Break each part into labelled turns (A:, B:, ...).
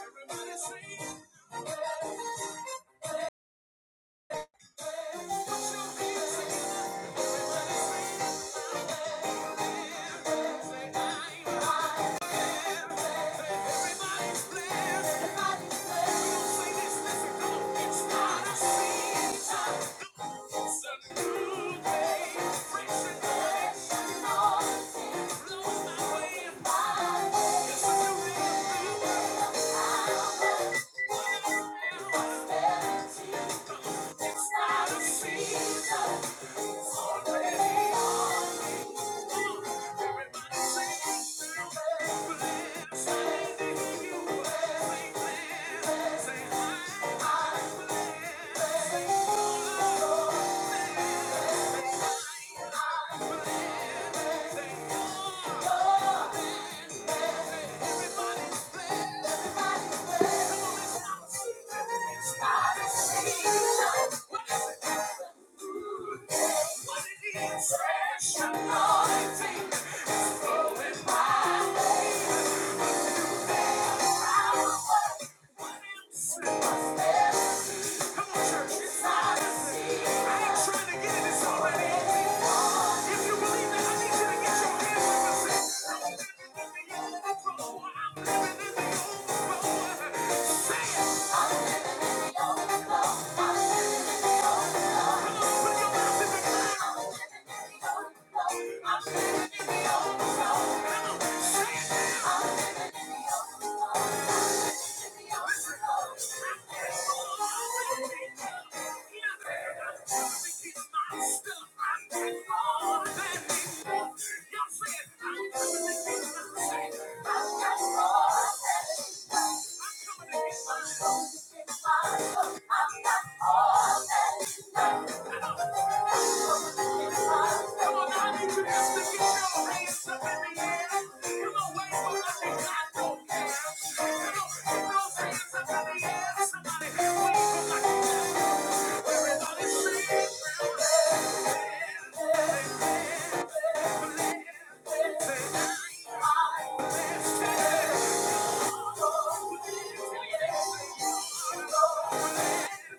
A: Everybody sing. Hey, hey, hey. Put your hands together. Thank you. It's not a season. It's already on. me. Everybody sing to the blessing. You bless, say, I bless. Fresh anointing, is flowing my way. Say it! Y'all said, I'm coming to get my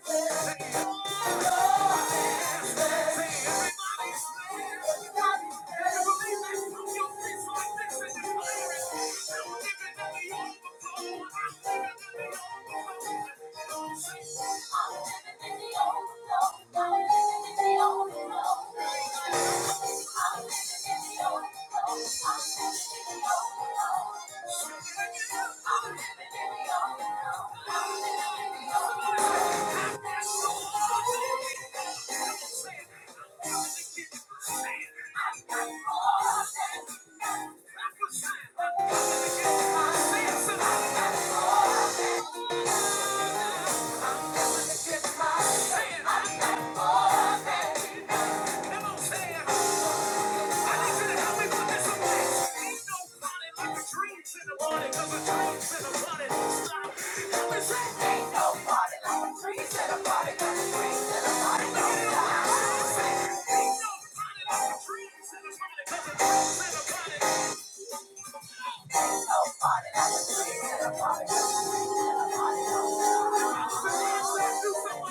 A: Thank you. I'm living in the overflow. I'm living in the overflow. Come on, say it. Ain't nobody like a dream in a body.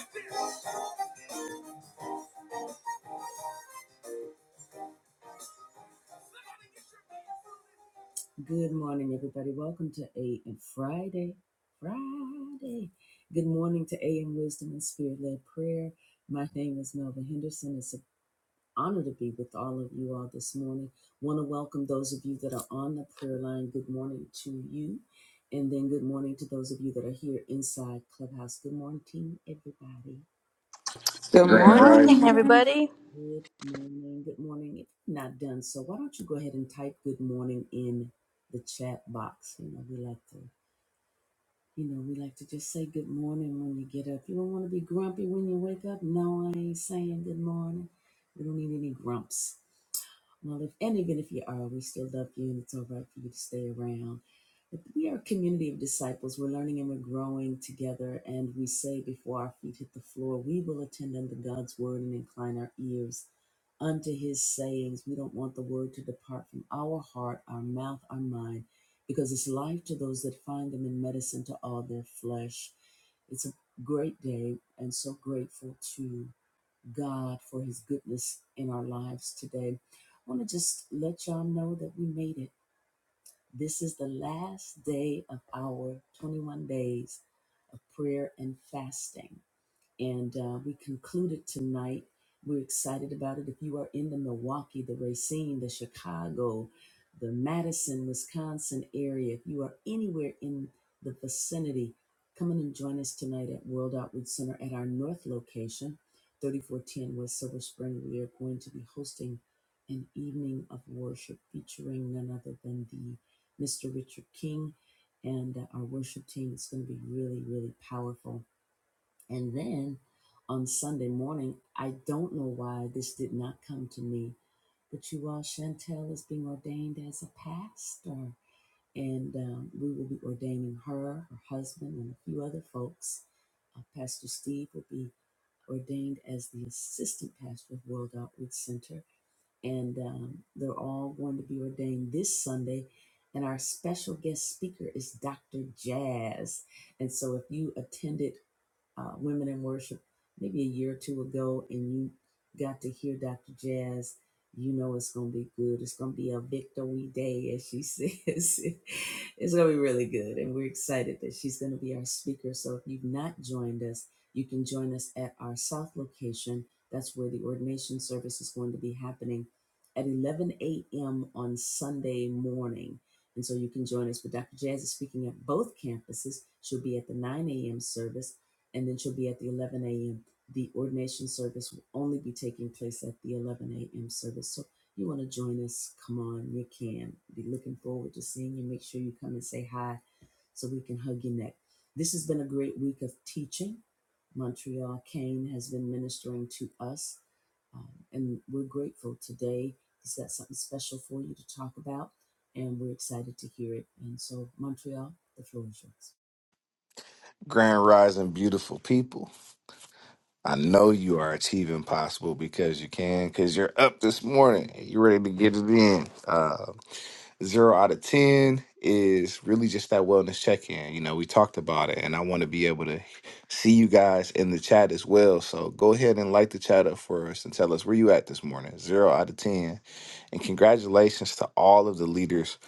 A: Good morning, everybody. Welcome to AM Friday. Friday. Good morning to AM Wisdom and Spirit led Prayer. My name is Melva Henderson. It's an honor to be with all of you all this morning. Want to welcome those of you that are on the prayer line. Good morning to you. And then good morning to those of you that are here inside Clubhouse. Good morning, everybody.
B: Good
C: Good
D: Grand
C: morning,
D: Rising.
B: morning.
C: everybody.
A: Good morning. Good morning. If you've not done so, why don't you go ahead and type good morning in the chat box? You know, we like to You know, we like to just say good morning when you get up. You don't want to be grumpy when you wake up. No, I ain't saying good morning. We don't need any grumps. Well, if and even if you are, we still love you, and it's all right for you to stay around. But we are a community of disciples. We're learning and we're growing together. And we say before our feet hit the floor, we will attend unto God's word and incline our ears unto his sayings. We don't want the word to depart from our heart, our mouth, our mind, because it's life to those that find them and medicine to all their flesh. It's a great day and so grateful to God for his goodness in our lives today. I want to just let y'all know that we made it. This is the last day of our 21 days of prayer and fasting. And uh, we concluded tonight. We're excited about it. If you are in the Milwaukee, the Racine, the Chicago, the Madison, Wisconsin area, if you are anywhere in the vicinity, come in and join us tonight at World Outreach Center at our North location, 3410 West Silver Spring. We are going to be hosting an evening of worship featuring none other than the Mr. Richard King and uh, our worship team. It's going to be really, really powerful. And then on Sunday morning, I don't know why this did not come to me, but you all, Chantel is being ordained as a pastor. And um, we will be ordaining her, her husband, and a few other folks. Uh, pastor Steve will be ordained as the assistant pastor of World Outreach Center. And um, they're all going to be ordained this Sunday. And our special guest speaker is Dr. Jazz. And so if you attended, uh, Women in Worship maybe a year or two ago, and you got to hear Dr. Jazz. You know it's going to be good. It's going to be a victory day, as she says. it's going to be really good, and we're excited that she's going to be our speaker. So if you've not joined us, you can join us at our South location. That's where the ordination service is going to be happening at 11 a.m. on Sunday morning. And so you can join us. But Dr. Jazz is speaking at both campuses. She'll be at the 9 a.m. service and then she'll be at the 11 a.m. The ordination service will only be taking place at the 11 a.m. service. So you want to join us? Come on, you can. Be looking forward to seeing you. Make sure you come and say hi so we can hug your neck. This has been a great week of teaching. Montreal Kane has been ministering to us, um, and we're grateful today. He's got something special for you to talk about, and we're excited to hear it. And so, Montreal, the floor is yours.
D: Grand Rising, beautiful people. I know you are achieving possible because you can, because you're up this morning. You're ready to get it in. Uh, zero out of 10 is really just that wellness check in. You know, we talked about it, and I want to be able to see you guys in the chat as well. So go ahead and light the chat up for us and tell us where you at this morning. Zero out of 10. And congratulations to all of the leaders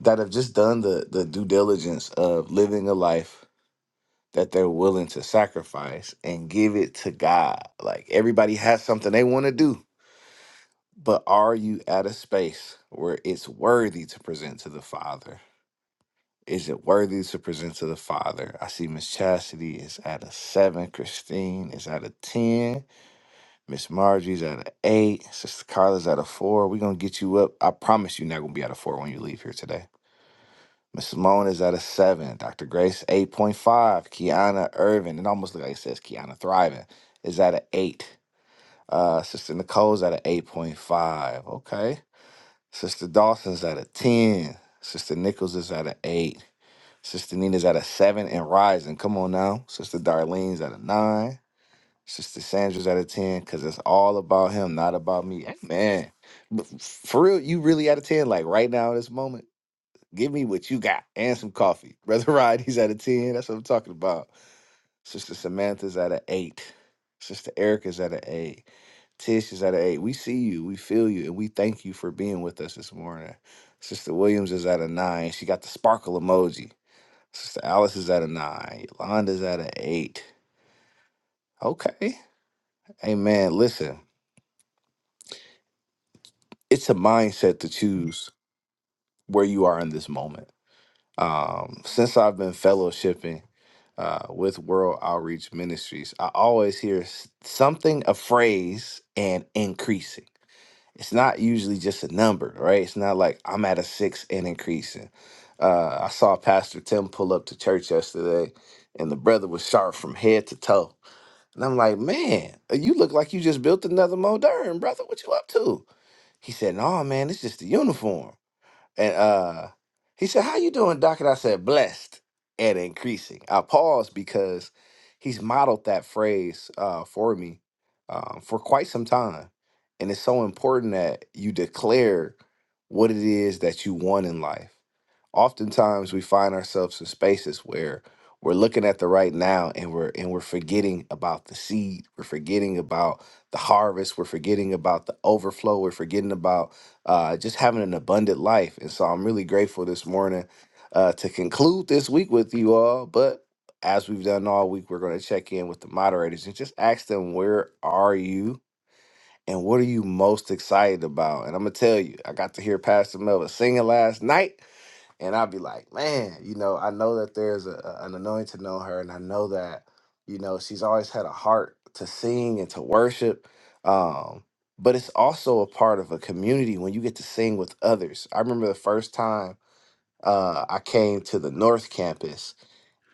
D: that have just done the, the due diligence of living a life. that they're willing to sacrifice and give it to God. Like everybody has something they want to do, but are you at a space where it's worthy to present to the Father? Is it worthy to present to the Father? I see Miss Chastity is at a seven, Christine is at a 10, Miss Margie's at a eight, Sister Carla's at a four. We're gonna get you up. I promise you're not gonna be at a four when you leave here today. Miss Moan is at a seven. Dr. Grace, 8.5. Kiana Irvin, it almost looks like it says Kiana Thriving, is at an eight. Uh, Sister Nicole's at an 8.5. Okay. Sister Dawson's at a 10. Sister Nichols is at an eight. Sister Nina's at a seven and rising. Come on now. Sister Darlene's at a nine. Sister Sandra's at a 10 because it's all about him, not about me. Amen. But for real, you really at a 10, like right now, this moment. Give me what you got and some coffee. Brother Rod, he's at a 10. That's what I'm talking about. Sister Samantha's at an 8. Sister Erica's at an 8. Tish is at an 8. We see you, we feel you, and we thank you for being with us this morning. Sister Williams is at a 9. She got the sparkle emoji. Sister Alice is at a 9. Yolanda's at an 8. Okay. Hey, man, listen, it's a mindset to choose where you are in this moment Um, since I've been fellowshipping uh, with World Outreach Ministries, I always hear s- something, a phrase, and increasing. It's not usually just a number, right? It's not like I'm at a six and increasing. Uh, I saw Pastor Tim pull up to church yesterday, and the brother was sharp from head to toe. And I'm like, man, you look like you just built another modern, brother. What you up to? He said, no, man, it's just the uniform. And uh he said, How you doing, Doc? And I said, blessed and increasing. I paused because he's modeled that phrase uh for me um, for quite some time. And it's so important that you declare what it is that you want in life. Oftentimes we find ourselves in spaces where we're looking at the right now and we're and we're forgetting about the seed. We're forgetting about the harvest. We're forgetting about the overflow. We're forgetting about uh, just having an abundant life. And so I'm really grateful this morning uh, to conclude this week with you all. But as we've done all week, we're going to check in with the moderators and just ask them, where are you? And what are you most excited about? And I'm going to tell you, I got to hear Pastor Melvin singing last night and I'd be like, man, you know, I know that there's a, a- an anointing on her, and I know that, you know, she's always had a heart to sing and to worship. Um, but it's also a part of a community when you get to sing with others. I remember the first time uh, I came to the North Campus,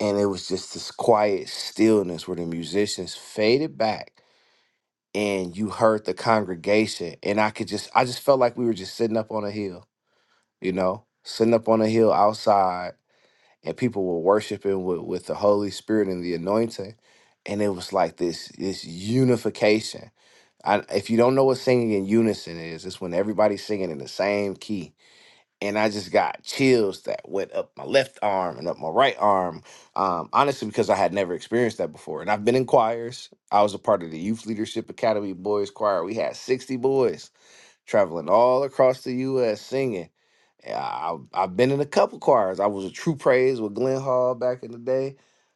D: and it was just this quiet stillness where the musicians faded back. And you heard the congregation, and I could just, I just felt like we were just sitting up on a hill, you know, sitting up on a hill outside and people were worshiping with, with the Holy Spirit and the anointing. And it was like this this unification. I, if you don't know what singing in unison is, it's when everybody's singing in the same key. And I just got chills that went up my left arm and up my right arm. Um, honestly, because I had never experienced that before. And I've been in choirs. I was a part of the Youth Leadership Academy Boys Choir. We had 60 boys traveling all across the U.S. singing. Yeah, I, I've been in a couple choirs. I was a True Praise with Glenn Hall back in the day.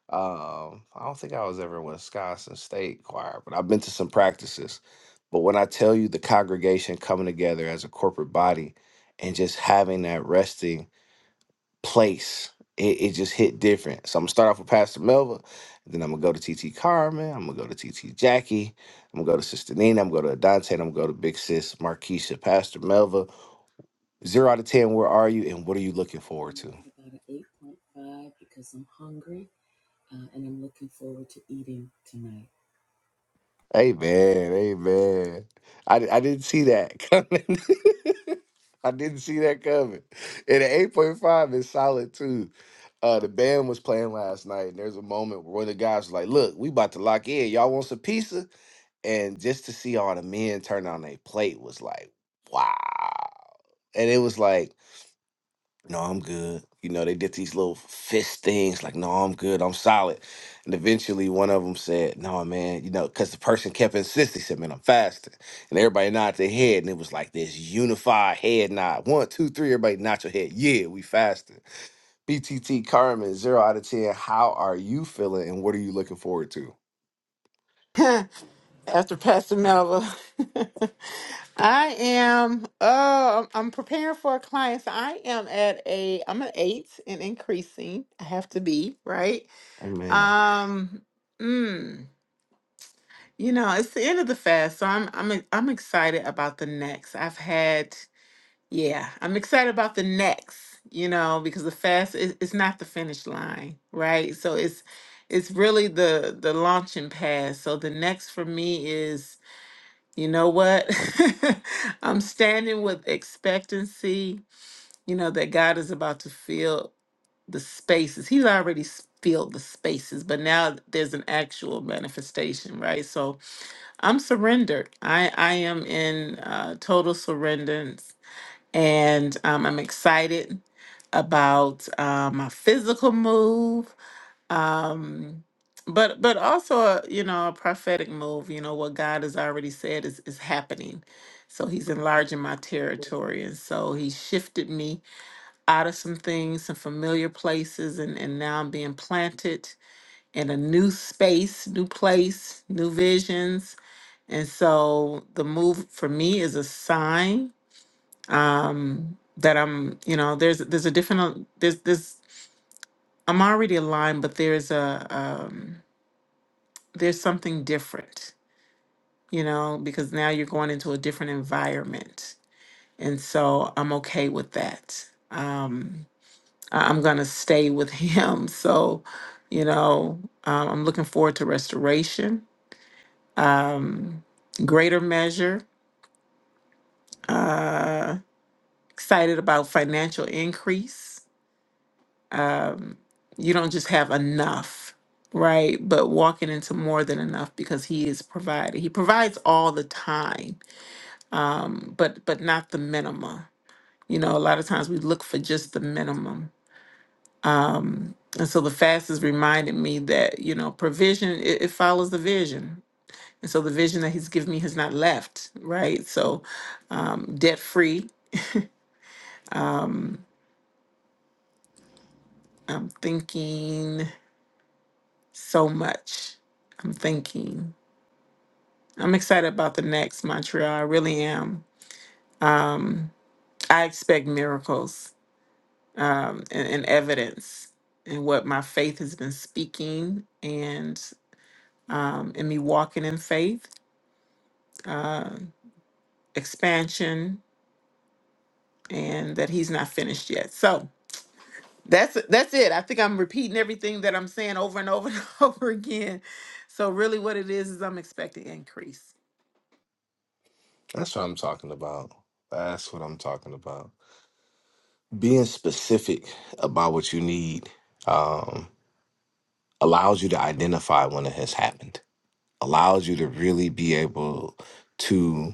D: Um, I don't think I was ever in Wisconsin State Choir, but I've been to some practices. But when I tell you the congregation coming together as a corporate body and just having that resting place. It, it just hit different. So I'm gonna start off with Pastor Melva, then I'm gonna go to TT Carmen, I'm gonna go to TT Jackie, I'm gonna go to Sister Nina, I'm gonna go to Dante, and I'm gonna go to Big Sis Markeisha. Pastor Melva, zero out of ten, where are you and what are you looking forward
A: Um,
D: to?
A: at about an 8.5 because I'm hungry uh, and I'm looking forward to eating tonight.
D: Amen, amen. I, di- I didn't see that coming. I didn't see that coming. And an 8.5 is solid too. Uh, the band was playing last night, and there's a moment where one of the guys was like, Look, we about to lock in. Y'all want some pizza? And just to see all the men turn on their plate was like, wow. And it was like, no, I'm good. You know, they did these little fist things like, no, I'm good, I'm solid. And eventually one of them said, no, man, you know, because the person kept insisting, said, man, I'm fasting. And everybody nodded their head. And it was like this unified head nod. One, two, three, everybody nod your head. Yeah, we fasting. BTT Carmen, zero out of 10. How are you feeling and what are you looking forward to?
B: After Pastor Melva, I am. Oh, I'm, I'm preparing for a client. So I am at a. I'm an eight and increasing. I have to be right.
D: Amen.
B: Um. Mm, you know, it's the end of the fast, so I'm I'm I'm excited about the next. I've had Yeah, I'm excited about the next, you know, because the fast is it's not the finish line, right? So it's it's really the the launching pad. So the next for me is, you know what? I'm standing with expectancy, you know, that God is about to fill the spaces. He's already s- filled the spaces, but now there's an actual manifestation, right? So I'm surrendered. I I am in uh total surrender and um, I'm excited about uh, my physical move, um, but but also a, you know a prophetic move. You know what God has already said is is happening, so He's enlarging my territory, and so He shifted me out of some things, some familiar places, and and now I'm being planted in a new space, new place, new visions, and so the move for me is a sign um that i'm you know there's there's a different there's this i'm already aligned but there's a um there's something different you know because now you're going into a different environment and so i'm okay with that um I- i'm gonna stay with him so you know um, i'm looking forward to restoration greater measure excited about financial increase you don't just have enough, right? But walking into more than enough because he is provided. He provides all the time, um, but but not the minimum. You know, a lot of times we look for just the minimum. And so the fast has reminded me that, you know, provision it, it follows the vision. And so the vision that he's given me has not left, right? So um debt free. I'm thinking so much. I'm thinking. I'm excited about the next Montreal. I really am I expect miracles um, and, and evidence in what my faith has been speaking and um, in me walking in faith, expansion, and that He's not finished yet. So that's that's it. I think I'm repeating everything that I'm saying over and over and over again. So really, what it is is I'm expecting increase.
D: That's what I'm talking about. That's what I'm talking about. Being specific about what you need um, allows you to identify when it has happened, allows you to really be able to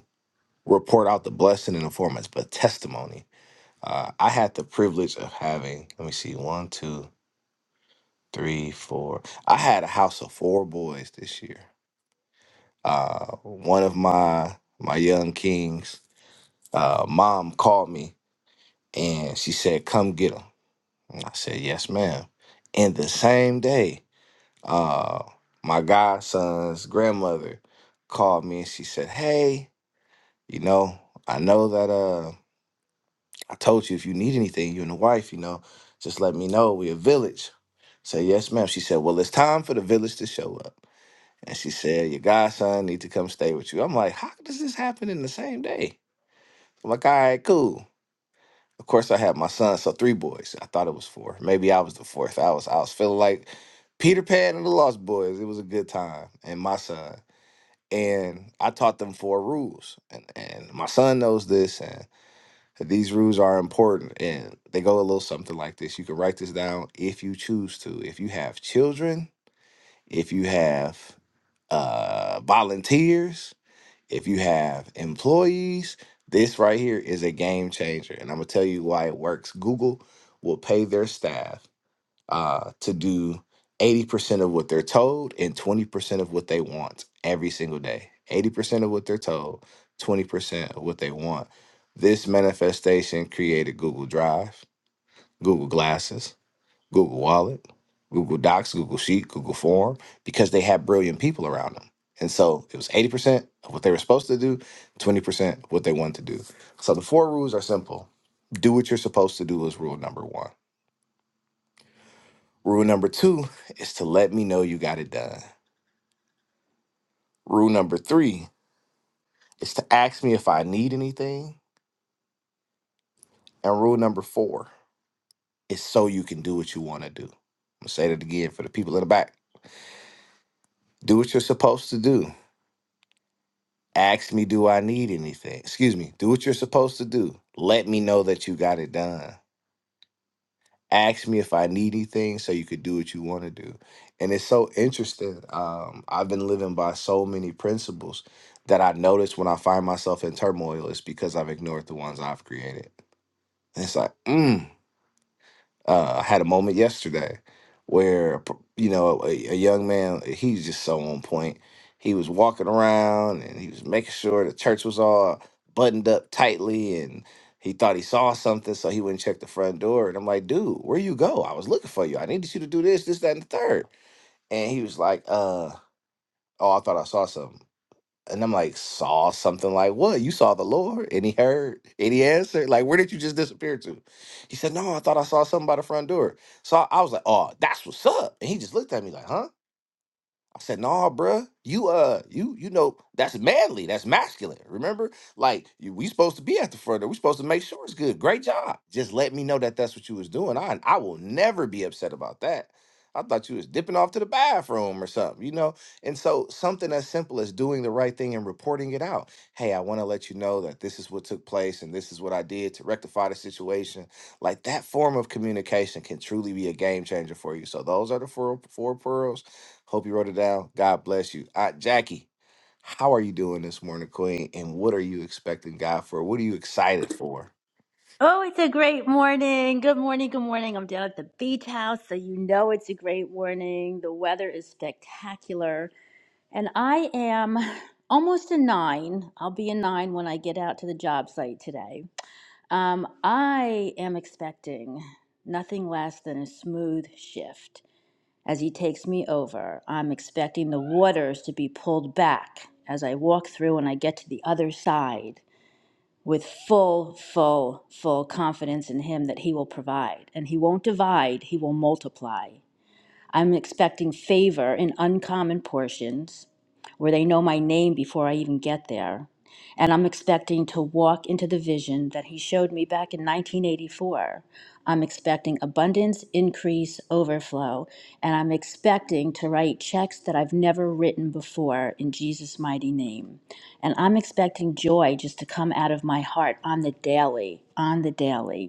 D: report out the blessing in the form of a testimony. Uh, I had the privilege of having, let me see, one, two. three, four. I had a house of four boys this year. Uh, one of my my young kings, uh, mom called me and she said, "Come get them." And I said, "Yes, ma'am." And the same day, uh, my godson's grandmother called me and she said, "Hey, you know, I know that uh, I told you if you need anything, you and the wife, you know, just let me know. We're a village." Say yes, ma'am. She said, "Well, it's time for the village to show up." And she said, Your godson need to come stay with you. I'm like, How does this happen in the same day? I'm like, all right, cool. Of course I had my son, so three boys. I thought it was four. Maybe I was the fourth. I was I was feeling like Peter Pan and the Lost Boys. It was a good time. And my son. And I taught them four rules. And and my son knows this and these rules are important. And they go a little something like this. You can write this down if you choose to. If you have children, if you have uh volunteers, If you have employees, this right here is a game changer. And I'm going to tell you why it works. Google will pay their staff uh, to do 80% of what they're told and 20% of what they want every single day. 80% of what they're told, 20% of what they want. This manifestation created Google Drive, Google Glasses, Google Wallet, Google Docs, Google Sheet, Google Form, because they had brilliant people around them. And so it was 80% of what they were supposed to do, 20% what they wanted to do. So the four rules are simple do what you're supposed to do is rule number one. Rule number two is to let me know you got it done. Rule number three is to ask me if I need anything. And rule number four is so you can do what you want to do. I'm gonna say that again for the people in the back. Do what you're supposed to do Ask me, do I need anything? Excuse me, do what you're supposed to do. Let me know that you got it done. Ask me if I need anything so you could do what you want to do. And it's so interesting. Um, I've been living by so many principles that I notice when I find myself in turmoil, it's because I've ignored the ones I've created. And it's like, mm, uh, I had a moment yesterday where, you know, a, a young man, he's just so on point. He was walking around and he was making sure the church was all buttoned up tightly and he thought he saw something, so he wouldn't check the front door. And I'm like, dude, where you go? I was looking for you. I needed you to do this, this, that, and the third. And he was like, uh, oh, I thought I saw something. And I'm like, saw something like, what? You saw the Lord? And he heard, and he answered, like, where did you just disappear to? He said, no, I thought I saw something by the front door. So I I was like, oh, that's what's up. And he just looked at me like, huh? I said, "Nah, bruh, you uh, you you know that's manly, that's masculine. Remember, like you, we supposed to be at the front door. We supposed to make sure it's good. Great job. Just let me know that that's what you was doing. I I will never be upset about that. I thought you was dipping off to the bathroom or something, you know. And so something as simple as doing the right thing and reporting it out. Hey, I want to let you know that this is what took place and this is what I did to rectify the situation. Like that form of communication can truly be a game changer for you. So those are the four four pearls Hope you wrote it down. God bless you. Uh, Jackie, how are you doing this morning, Queen? And what are you expecting God for? What are you excited for?
C: Oh, it's a great morning. Good morning. Good morning. I'm down at the beach house, so you know it's a great morning. The weather is spectacular. And I am almost a nine. I'll be a nine when I get out to the job site today. Um, I am expecting nothing less than a smooth shift as he takes me over. I'm expecting the waters to be pulled back as I walk through and I get to the other side. with full, full, full confidence in Him that He will provide. And He won't divide, He will multiply. I'm expecting favor in uncommon portions where they know my name before I even get there. And I'm expecting to walk into the vision that he showed me back in 1984. I'm expecting abundance, increase, overflow, and I'm expecting to write checks that I've never written before in Jesus' mighty name. And I'm expecting joy just to come out of my heart on the daily, on the daily.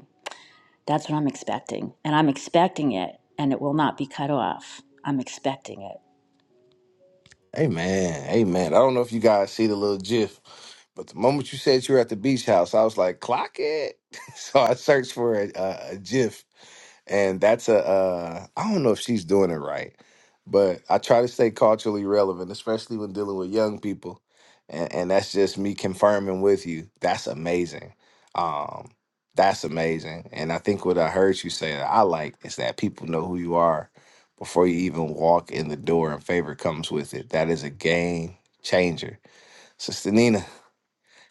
C: That's what I'm expecting. And I'm expecting it, and it will not be cut off. I'm expecting it.
D: Amen. Amen. I don't know if you guys see the little gif, but the moment you said you were at the beach house, I was like, clock it. So I searched for a, a, a gif, and that's a, uh, I don't know if she's doing it right, but I try to stay culturally relevant, especially when dealing with young people. And, and that's just me confirming with you. That's amazing. Um, that's amazing. And I think what I heard you say that I like is that people know who you are before you even walk in the door, and favor comes with it. That is a game changer. Sister Nina,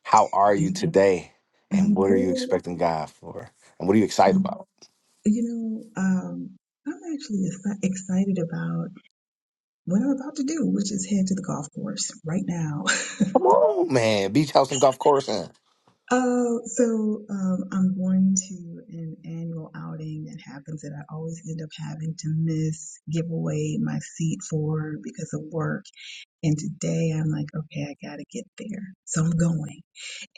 D: how are you today? And
E: I'm
D: what are you
E: good.
D: expecting God for? And what are you excited about?
E: You know, um, I'm actually exci- excited about what I'm about to do, which is head to the golf course right now.
D: Come on, man. Beach house and golf course. And
E: Uh, so um, I'm going to an annual outing that happens that I always end up having to miss, give away my seat for because of work. And today I'm like, okay, I gotta get there. So I'm going.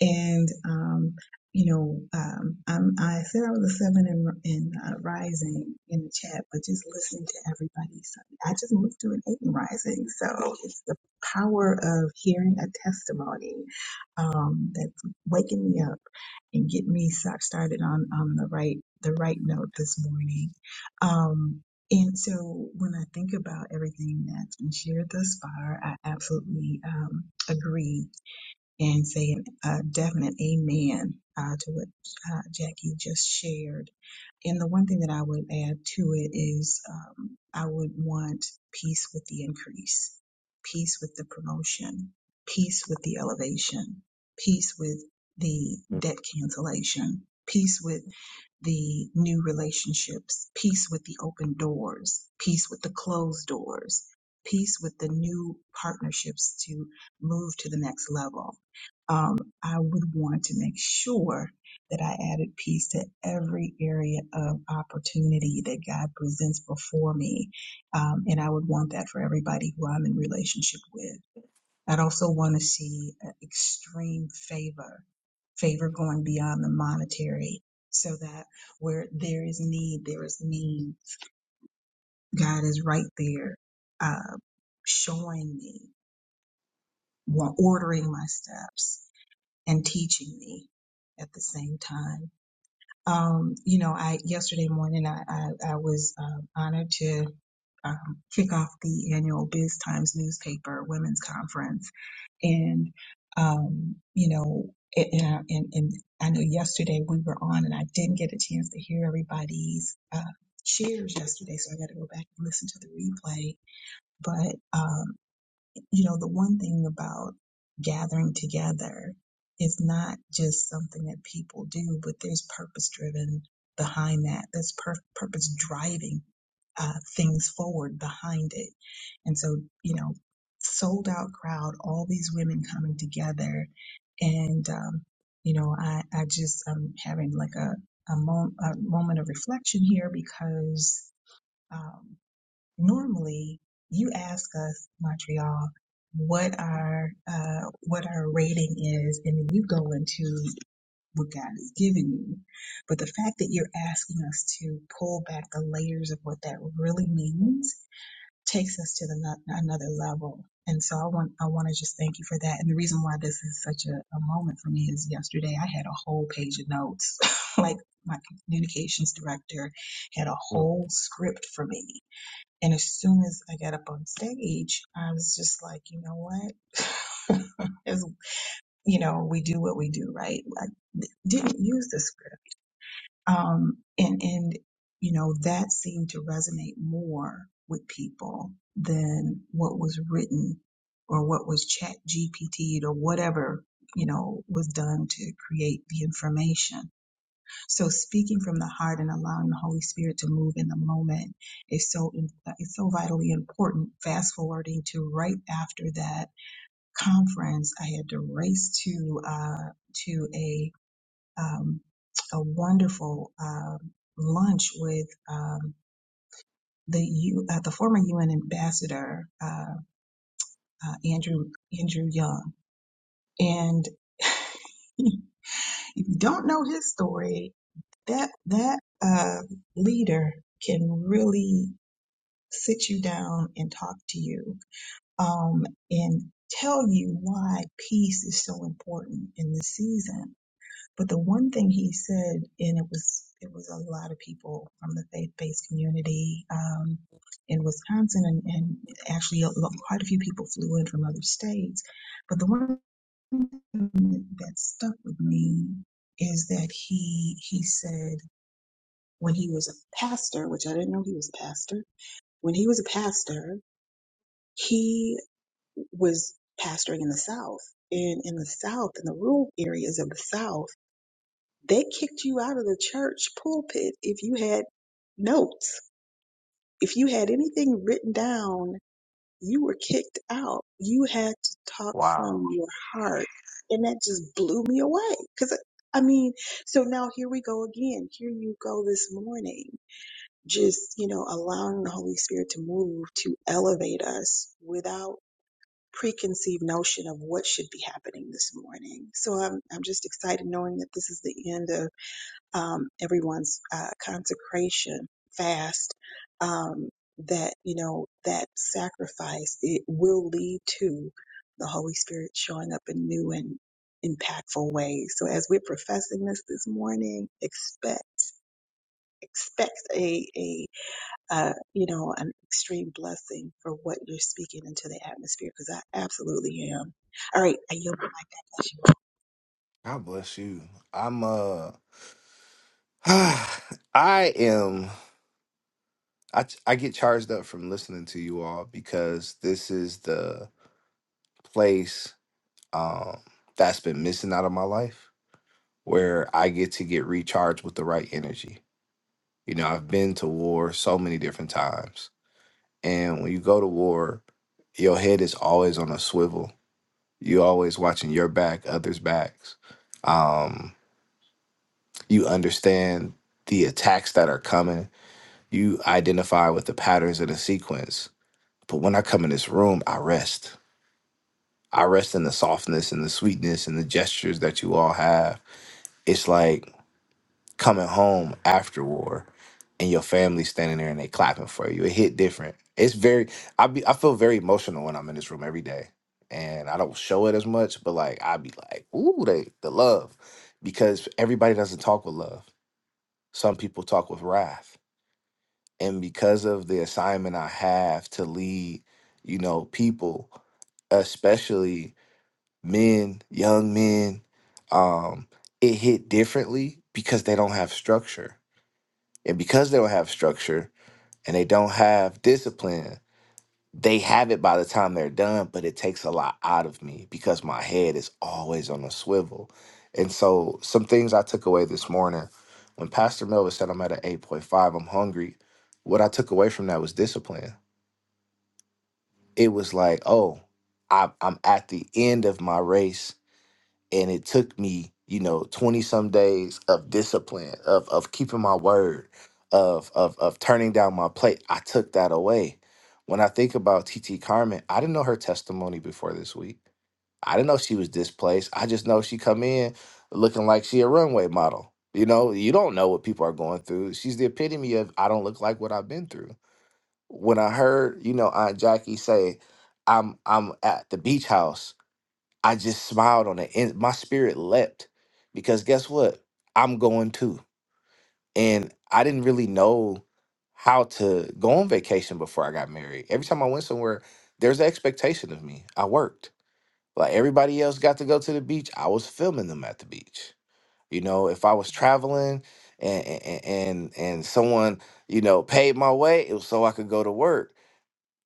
E: and um, you know, um, I'm, I said I was a seven in, in uh, rising in the chat, but just listening to everybody, so I just moved to an eight in rising. So it's the power of hearing a testimony um, that's waking me up and getting me start, started on on the right the right note this morning. Um, and so when I think about everything that's been shared thus far, I absolutely um, agree and say an- a definite amen uh, to what uh, Jackie just shared. And the one thing that I would add to it is um, I would want peace with the increase, peace with the promotion, peace with the elevation, peace with the debt cancellation, peace with the new relationships, peace with the open doors, peace with the closed doors, peace with the new partnerships to move to the next level. Um, I would want to make sure that I added peace to every area of opportunity that God presents before me. Um, and I would want that for everybody who I'm in relationship with. I'd also want to see a extreme favor, favor going beyond the monetary, so that where there is need, there is need. God is right there, uh, showing me, wa- ordering my steps, and teaching me at the same time. Um, you know, I yesterday morning I I, I was um honored to um, kick off the annual Biz Times newspaper women's conference and um, you know, it, and, I, and and I know yesterday we were on, and I didn't get a chance to hear everybody's uh, cheers yesterday, so I got to go back and listen to the replay. But um, you know, the one thing about gathering together is not just something that people do, but there's purpose driven behind that. There's pur- purpose driving uh, things forward behind it. And so, you know, sold out crowd, all these women coming together. And, um, you know, I, I just, I'm having like a, a, mom- a moment of reflection here because um, normally you ask us, Montreal, what our uh, what our rating is, and then you go into what God has given you. But the fact that you're asking us to pull back the layers of what that really means takes us to the no- another level. And so I want I want to just thank you for that. And the reason why this is such a, a moment for me is yesterday I had a whole page of notes, like my communications director had a
D: Mm,
E: whole script for me and as soon as I got up on stage, I was just like, you know what? as you know, we do what we do, right? I didn't use the script. Um, and, and, you know, that seemed to resonate more with people than what was written or what was chat GPT'd or whatever, you know, was done to create the information so speaking from the heart and allowing the Holy Spirit to move in the moment is so it's so vitally important. Fast forwarding to right after that conference, I had to race to uh, to a um, a wonderful um lunch with um, the U, uh, the former UN ambassador uh, uh, Andrew Andrew Young, and if you don't know his story, that that uh, leader can really sit you down and talk to you um, and tell you why peace is so important in this season. But the one thing he said, and it was it was a lot of people from the faith-based community um, in Wisconsin, and, and actually a, lo- quite a few people flew in from other states. But the one thing that stuck with me is that he he said when he was a pastor, which I didn't know he was a pastor. When he was a pastor, he was pastoring in the South. And in the South, in the rural areas of the South, they kicked you out of the church pulpit if you had notes. If you had anything written down, you were kicked out. You had to talk from
D: wow.
E: your heart. And that just blew me away. Cause I mean, so now here we go again. Here you go this morning. Just, you know, allowing the Holy Spirit to move, to elevate us without preconceived notion of what should be happening this morning. So I'm, I'm just excited knowing that this is the end of um, everyone's uh, consecration fast. Um, that, you know, that sacrifice, it will lead to the Holy Spirit showing up in new and impactful ways. So as we're professing this this morning, expect, expect a a uh, you know, an extreme blessing for what you're speaking into the atmosphere because I absolutely am. All right, I yield the mic. God bless you.
D: God bless you. I'm uh I am I I get charged up from listening to you all because this is the place um that's been missing out of my life where I get to get recharged with the right energy. You know, I've been to war so many different times. And when you go to war, your head is always on a swivel. You always watching your back, others' backs. Um, you understand the attacks that are coming. You identify with the patterns and the sequence. But when I come in this room, I rest. I rest in the softness and the sweetness and the gestures that you all have. It's like coming home after war and your family standing there and they clapping for you. It hit different. It's very I be I feel very emotional when I'm in this room every day. And I don't show it as much, but like I be like, ooh, they the love. Because everybody doesn't talk with love. Some people talk with wrath. And because of the assignment I have to lead, you know, people, especially men, young men, um, it hit differently because they don't have structure and because they don't have structure and they don't have discipline, they have it by the time they're done, but it takes a lot out of me because my head is always on a swivel. And so, some things I took away this morning when Pastor Melvin said, I'm at an 8.5, I'm hungry. What I took away from that was discipline. It was like, oh, I, I'm at the end of my race and it took me you know 20 some days of discipline of of keeping my word of of of turning down my plate i took that away when i think about tt carmen i didn't know her testimony before this week i didn't know she was displaced i just know she come in looking like she a runway model you know you don't know what people are going through she's the epitome of i don't look like what i've been through when i heard you know aunt jackie say i'm i'm at the beach house I just smiled on it and my spirit leapt because guess what? I'm going too. And I didn't really know how to go on vacation before I got married. Every time I went somewhere, there's an expectation of me. I worked. Like everybody else got to go to the beach, I was filming them at the beach. You know, if I was traveling and and and, and someone, you know, paid my way, it was so I could go to work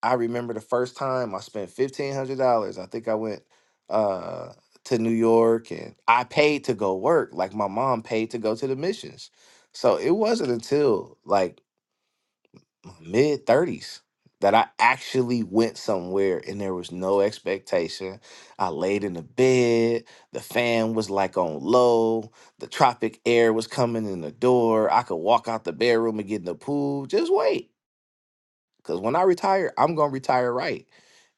D: I remember the first time I spent fifteen hundred dollars. I think I went uh to New York and I paid to go work. Like my mom paid to go to the missions. So it wasn't until like mid thirties that I actually went somewhere and there was no expectation. I laid in the bed, the fan was like on low, the tropic air was coming in the door. I could walk out the bedroom and get in the pool. Just wait. Cause when I retire, I'm gonna retire right.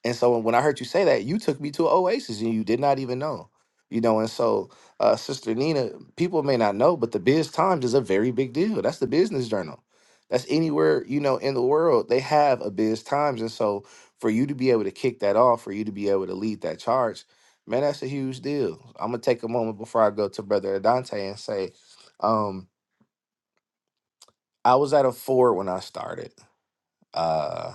D: And so when I heard you say that, you took me to Oasis and you did not even know. You know, and so uh Sister Nina, people may not know, but the Biz Times is a very big deal. That's the business journal. That's anywhere, you know, in the world, they have a Biz Times. And so for you to be able to kick that off, for you to be able to lead that charge, man, that's a huge deal. I'm gonna take a moment before I go to Brother Adante and say, um, I was at a four when I started. Uh,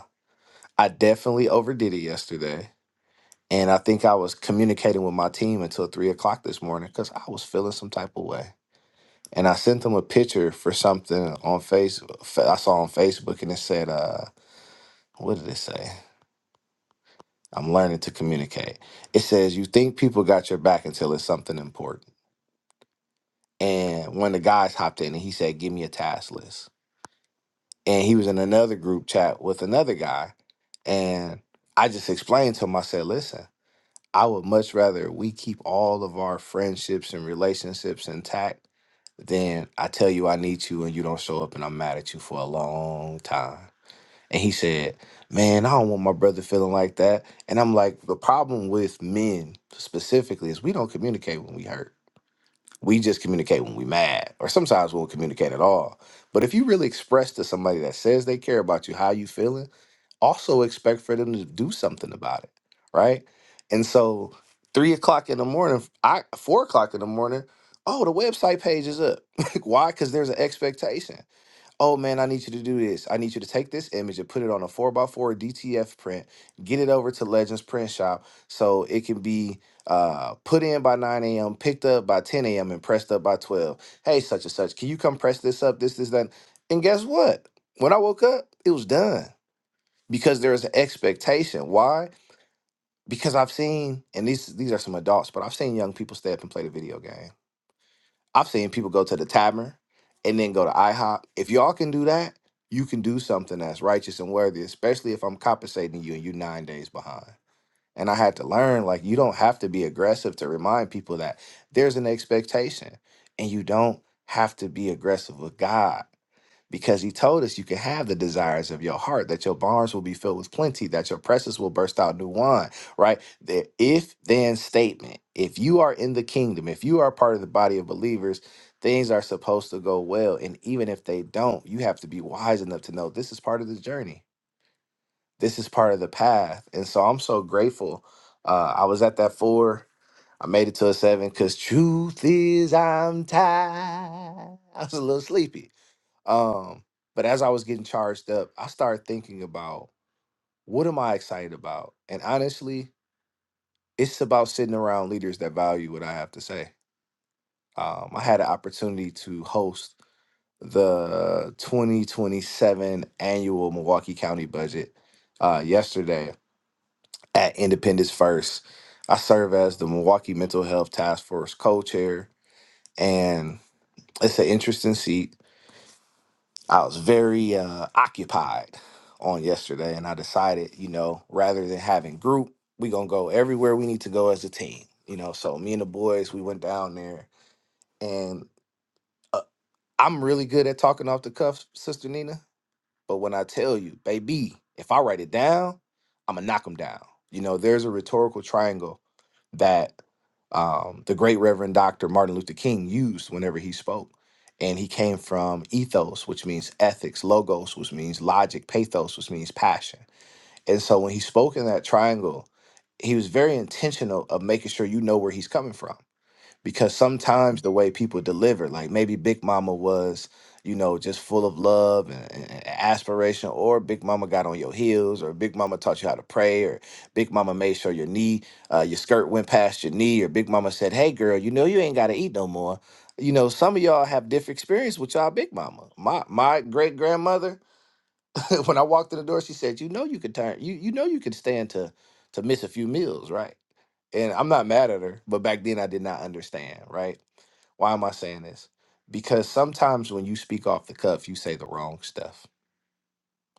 D: I definitely overdid it yesterday. And I think I was communicating with my team until three o'clock this morning because I was feeling some type of way. And I sent them a picture for something on face fa- I saw on Facebook and it said, uh, what did it say? I'm learning to communicate. It says, You think people got your back until it's something important. And one of the guys hopped in and he said, Give me a task list. And he was in another group chat with another guy. And I just explained to him, I said, Listen, I would much rather we keep all of our friendships and relationships intact than I tell you I need you and you don't show up and I'm mad at you for a long time. And he said, Man, I don't want my brother feeling like that. And I'm like, The problem with men specifically is we don't communicate when we hurt. We just communicate when we mad, or sometimes we won't communicate at all. But if you really express to somebody that says they care about you how you feeling, also expect for them to do something about it, right? And so three o'clock in the morning, I four o'clock in the morning, oh, the website page is up. Like, Why? Because there's an expectation. Oh man, I need you to do this. I need you to take this image and put it on a four by four DTF print, get it over to Legends Print Shop so it can be uh, put in by 9 a.m., picked up by 10 a.m., and pressed up by 12. Hey, such and such, can you come press this up? This, this, that. And guess what? When I woke up, it was done because there is an expectation. Why? Because I've seen, and these these are some adults, but I've seen young people stay up and play the video game. I've seen people go to the tavern and then go to IHOP. If y'all can do that, you can do something that's righteous and worthy, especially if I'm compensating you and you nine days behind. And I had to learn, like, you don't have to be aggressive to remind people that there's an expectation and you don't have to be aggressive with God because he told us you can have the desires of your heart that your barns will be filled with plenty that your presses will burst out new wine right the if then statement if you are in the kingdom if you are part of the body of believers things are supposed to go well and even if they don't you have to be wise enough to know this is part of the journey this is part of the path and so i'm so grateful uh, i was at that four i made it to a seven because truth is i'm tired i was a little sleepy um, but as I was getting charged up, I started thinking about what am I excited about? And honestly, it's about sitting around leaders that value what I have to say. Um, I had an opportunity to host the 2027 annual Milwaukee County budget uh, yesterday at Independence First. I serve as the Milwaukee Mental Health Task Force co chair, and it's an interesting seat I was very uh, occupied on yesterday, and I decided, you know, rather than having group, we gonna go everywhere we need to go as a team. You know, so me and the boys, we went down there, and uh, I'm really good at talking off the cuff, Sister Nina. But when I tell you, baby, if I write it down, I'm gonna knock them down. You know, there's a rhetorical triangle that um, the great Reverend Dr. Martin Luther King used whenever he spoke. And he came from ethos, which means ethics, logos, which means logic, pathos, which means passion. And so when he spoke in that triangle, he was very intentional of making sure you know where he's coming from because sometimes the way people deliver, like maybe Big Mama was, you know, just full of love and, and- and aspiration, or Big Mama got on your heels, or Big Mama taught you how to pray, or Big Mama made sure your knee, uh, your skirt went past your knee, or Big Mama said, "Hey, girl, you know you ain't gotta eat no more." You know, some of y'all have different experience with y'all Big Mama. My my great grandmother, when I walked in the door, she said, "You know you could turn, you you know you could stand to to miss a few meals, right?" And I'm not mad at her, but back then I did not understand, right? Why am I saying this? Because sometimes when you speak off the cuff, you say the wrong stuff.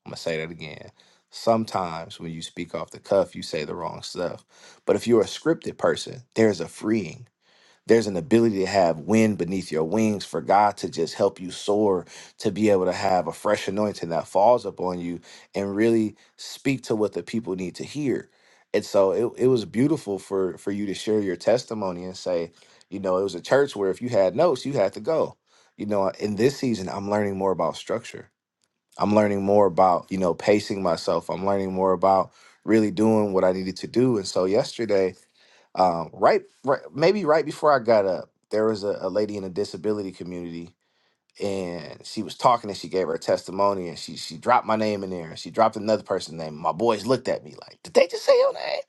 D: I'm going to say that again. Sometimes when you speak off the cuff, you say the wrong stuff. But if you're a scripted person, there's a freeing there's an ability to have wind beneath your wings for God to just help you soar, to be able to have a fresh anointing that falls upon you and really speak to what the people need to hear. And so it, it was beautiful for for you to share your testimony and say, you know, it was a church where if you had notes, you had to go. You know, in this season, I'm learning more about structure. I'm learning more about, you know, pacing myself. I'm learning more about really doing what I needed to do. And so yesterday, um, right, right, maybe right before I got up, there was a, a lady in the disability community, and she was talking, and she gave her testimony, and she she dropped my name in there, and she dropped another person's name. My boys looked at me like, "Did they just say your name?"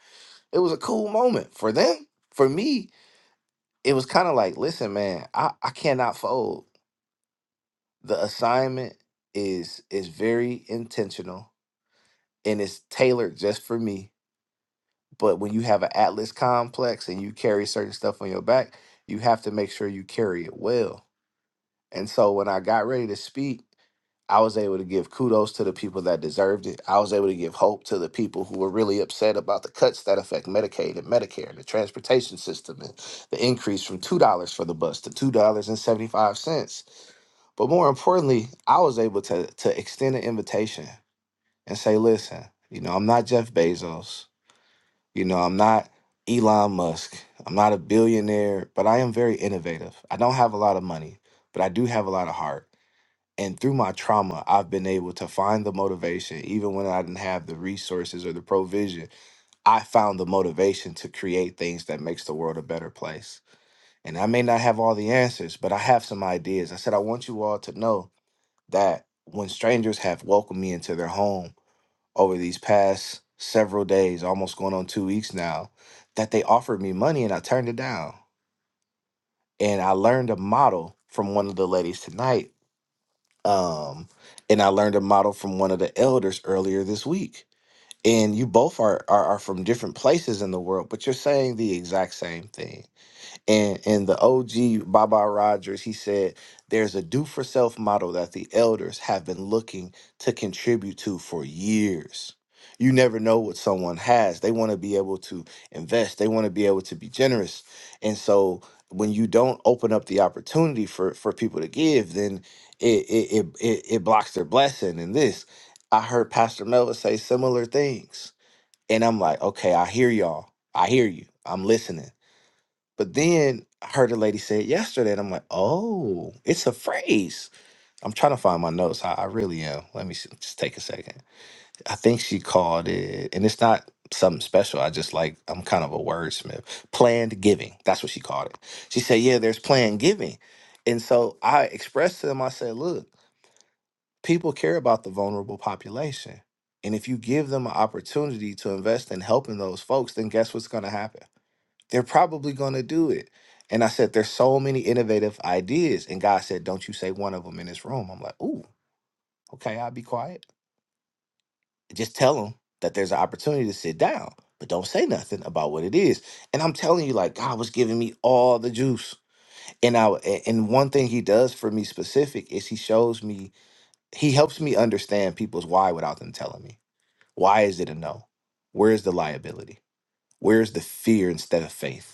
D: It was a cool moment for them. For me, it was kind of like, "Listen, man, I I cannot fold. The assignment is is very intentional, and it's tailored just for me." But when you have an Atlas complex and you carry certain stuff on your back, you have to make sure you carry it well. And so when I got ready to speak, I was able to give kudos to the people that deserved it. I was able to give hope to the people who were really upset about the cuts that affect Medicaid and Medicare and the transportation system and the increase from $2 for the bus to $2.75. But more importantly, I was able to, to extend an invitation and say, listen, you know, I'm not Jeff Bezos. You know, I'm not Elon Musk. I'm not a billionaire, but I am very innovative. I don't have a lot of money, but I do have a lot of heart. And through my trauma, I've been able to find the motivation, even when I didn't have the resources or the provision. I found the motivation to create things that makes the world a better place. And I may not have all the answers, but I have some ideas. I said I want you all to know that when strangers have welcomed me into their home, over these past several days, almost going on two weeks now, that they offered me money and I turned it down. And I learned a model from one of the ladies tonight. Um, and I learned a model from one of the elders earlier this week. And you both are, are are from different places in the world, but you're saying the exact same thing and and the OG Baba Rogers, he said, "There's a do for self model that the elders have been looking to contribute to for years. You never know what someone has. They want to be able to invest. They want to be able to be generous. And so when you don't open up the opportunity for for people to give, then it it it, it, it blocks their blessing. And this, I heard Pastor Melvin say similar things, and I'm like, okay, I hear y'all. I hear you. I'm listening." But then I heard a lady say it yesterday, and I'm like, oh, it's a phrase. I'm trying to find my notes. I, I really am. Let me see, just take a second. I think she called it, and it's not something special. I just like, I'm kind of a wordsmith. Planned giving. That's what she called it. She said, yeah, there's planned giving. And so I expressed to them, I said, look, people care about the vulnerable population. And if you give them an opportunity to invest in helping those folks, then guess what's going to happen? They're probably going to do it. And I said, There's so many innovative ideas. And God said, Don't you say one of them in this room. I'm like, Ooh, okay, I'll be quiet. Just tell them that there's an opportunity to sit down, but don't say nothing about what it is. And I'm telling you, like, God was giving me all the juice. And I a- and one thing he does for me specific is he shows me, he helps me understand people's why without them telling me. Why is it a no? Where is the liability? Where is the fear instead of faith?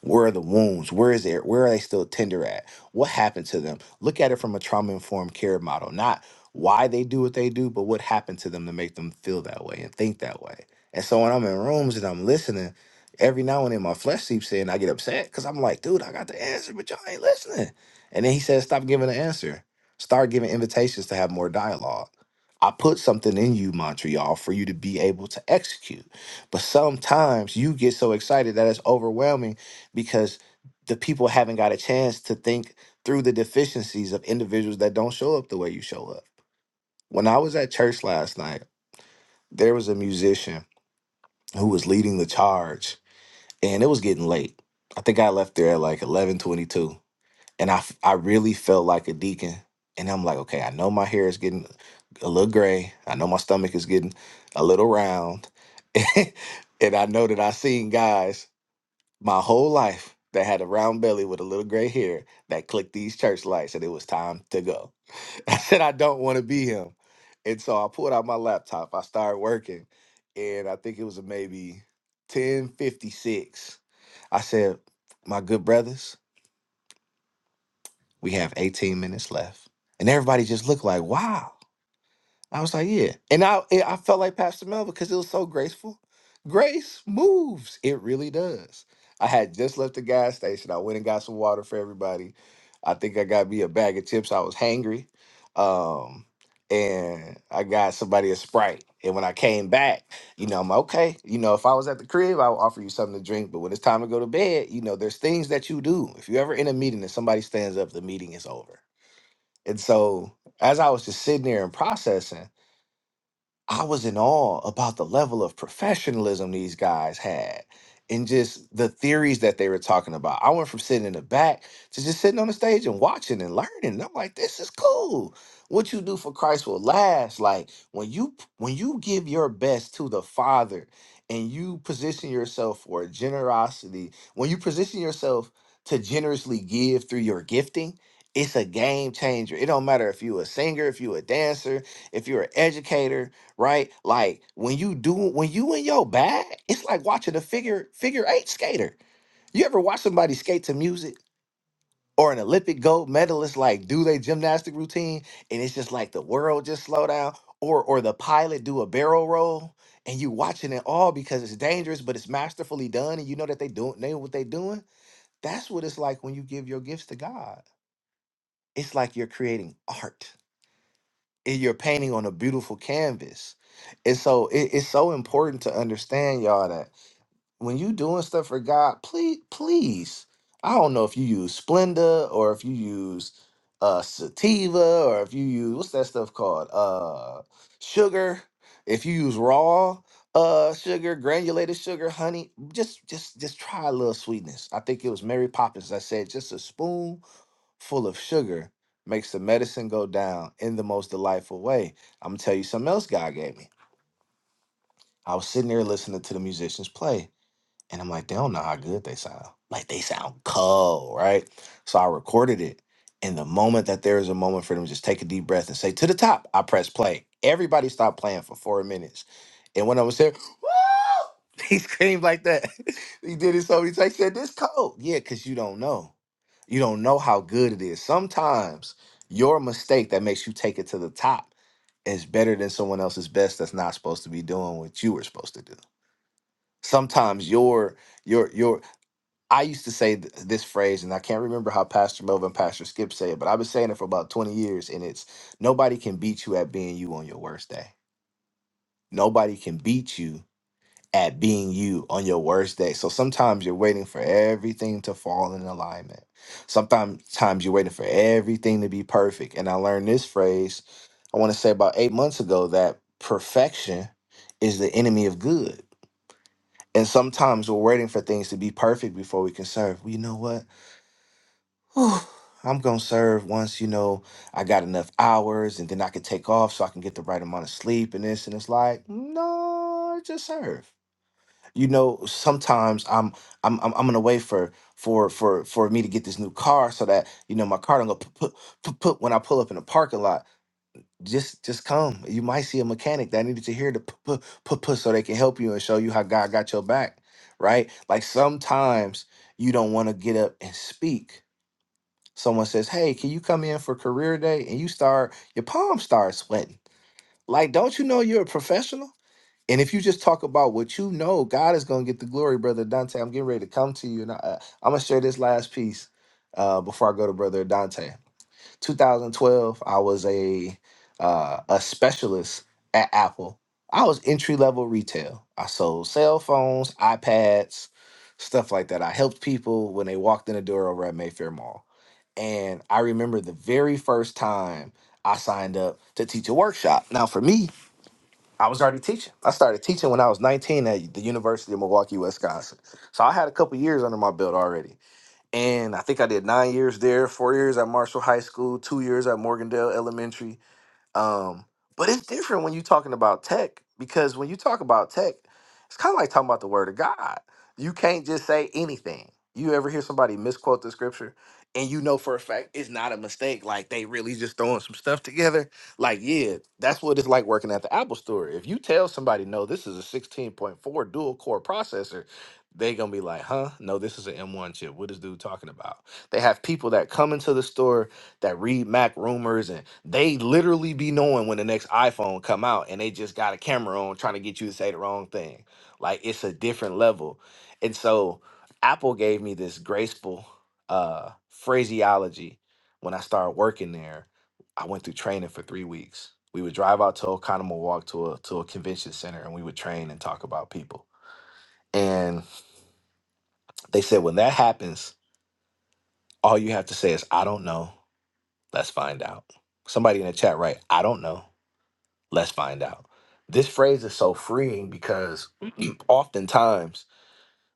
D: Where are the wounds? Where is it? Where are they still tender at? What happened to them? Look at it from a trauma informed care model, not why they do what they do, but what happened to them to make them feel that way and think that way. And so when I'm in rooms and I'm listening, every now and then my flesh seeps in. I get upset because I'm like, dude, I got the answer, but y'all ain't listening. And then he says, stop giving the answer. Start giving invitations to have more dialogue. I put something in you, Montreal, for you to be able to execute. But sometimes you get so excited that it's overwhelming because the people haven't got a chance to think through the deficiencies of individuals that don't show up the way you show up. When I was at church last night, there was a musician who was leading the charge and it was getting late. I think I left there at like 11:22 and I f- I really felt like a deacon and I'm like, okay, I know my hair is getting a little gray. I know my stomach is getting a little round. and I know that I seen guys my whole life that had a round belly with a little gray hair that clicked these church lights and it was time to go. I said, I don't want to be him. And so I pulled out my laptop, I started working, and I think it was maybe 1056. I said, My good brothers, we have 18 minutes left. And everybody just looked like, wow. I was like, yeah. And I it, I felt like Pastor Mel because it was so graceful. Grace moves. It really does. I had just left the gas station. I went and got some water for everybody. I think I got me a bag of chips. I was hangry. Um, and I got somebody a Sprite. And when I came back, you know, I'm okay. You know, if I was at the crib, I would offer you something to drink. But when it's time to go to bed, you know, there's things that you do. If you're ever in a meeting and somebody stands up, the meeting is over. And so as I was just sitting there and processing, I was in awe about the level of professionalism these guys had and just the theories that they were talking about. I went from sitting in the back to just sitting on the stage and watching and learning. And I'm like, this is cool. What you do for Christ will last. Like when you when you give your best to the Father and you position yourself for generosity, when you position yourself to generously give through your gifting, it's a game changer. It don't matter if you're a singer, if you're a dancer, if you're an educator, right? Like when you do when you in your bag, it's like watching a figure figure eight skater. You ever watch somebody skate to music or an Olympic gold medalist like do their gymnastic routine and it's just like the world just slow down or or the pilot do a barrel roll and you watching it all because it's dangerous but it's masterfully done and you know that they doing they know what they doing. That's what it's like when you give your gifts to God. It's like you're creating art and you're painting on a beautiful canvas. And so it, it's so important to understand, y'all, that when you doing stuff for God, please, please. I don't know if you use Splenda or if you use uh sativa or if you use what's that stuff called? Uh sugar. If you use raw uh sugar, granulated sugar, honey, just just just try a little sweetness. I think it was Mary Poppins that said just a spoon full of sugar makes the medicine go down in the most delightful way. I'm gonna tell you something else God gave me. I was sitting there listening to the musicians play and I'm like, they don't know how good they sound. Like they sound cold, right? So I recorded it. And the moment that there is a moment for them to just take a deep breath and say, to the top, I press play. Everybody stopped playing for four minutes. And when I was there, woo! He screamed like that. he did it so many times. He said, this cold. Yeah, because you don't know. You don't know how good it is. Sometimes your mistake that makes you take it to the top is better than someone else's best that's not supposed to be doing what you were supposed to do sometimes your your your I used to say th- this phrase, and I can't remember how Pastor Melvin and Pastor Skip say it, but I've been saying it for about 20 years, and it's nobody can beat you at being you on your worst day. Nobody can beat you at being you on your worst day. So sometimes you're waiting for everything to fall in alignment. Sometimes times you're waiting for everything to be perfect. And I learned this phrase, I want to say about eight months ago, that perfection is the enemy of good and sometimes we're waiting for things to be perfect before we can serve. Well, you know what? Whew, I'm going to serve once, you know, I got enough hours and then I can take off so I can get the right amount of sleep and this. And it's like, no, just serve. You know, sometimes I'm I'm I'm, I'm gonna wait for for for for me to get this new car so that you know my car don't go put put put when I pull up in the parking lot just just come. You might see a mechanic that needed to hear the puh, puh, puh, puh so they can help you and show you how God got your back, right? Like sometimes you don't want to get up and speak. Someone says, "Hey, can you come in for career day?" and you start your palms start sweating. Like, don't you know you're a professional? And if you just talk about what you know, God is gonna get the glory, brother Dante. I'm getting ready to come to you, and I, I'm gonna share this last piece uh, before I go to brother Dante. 2012, I was a uh, a specialist at Apple. I was entry level retail. I sold cell phones, iPads, stuff like that. I helped people when they walked in the door over at Mayfair Mall. And I remember the very first time I signed up to teach a workshop. Now, for me, I was already teaching. I started teaching when I was 19 at the University of Milwaukee, Wisconsin. So I had a couple years under my belt already and I think I did nine years there, four years at Marshall High School, two years at Morgandale Elementary, um, but it's different when you're talking about tech because when you talk about tech, it's kind of like talking about the word of God. You can't just say anything. You ever hear somebody misquote the scripture and you know for a fact it's not a mistake. Like they really just throwing some stuff together. Like, yeah, that's what it's like working at the Apple store. If you tell somebody, no, this is a 16.4 dual core processor, they going to be like, huh? No, this is an M1 chip. What is dude talking about? They have people that come into the store that read Mac rumors and they literally be knowing when the next iPhone come out and they just got a camera on trying to get you to say the wrong thing. Like it's a different level. And so Apple gave me this graceful uh phraseology when I started working there. I went through training for three weeks. We would drive out to Oconomo Walk to a to a convention center and we would train and talk about people. And they said when that happens, all you have to say is I don't know. Let's find out. Somebody in the chat, right? I don't know Let's find out. This phrase is so freeing because oftentimes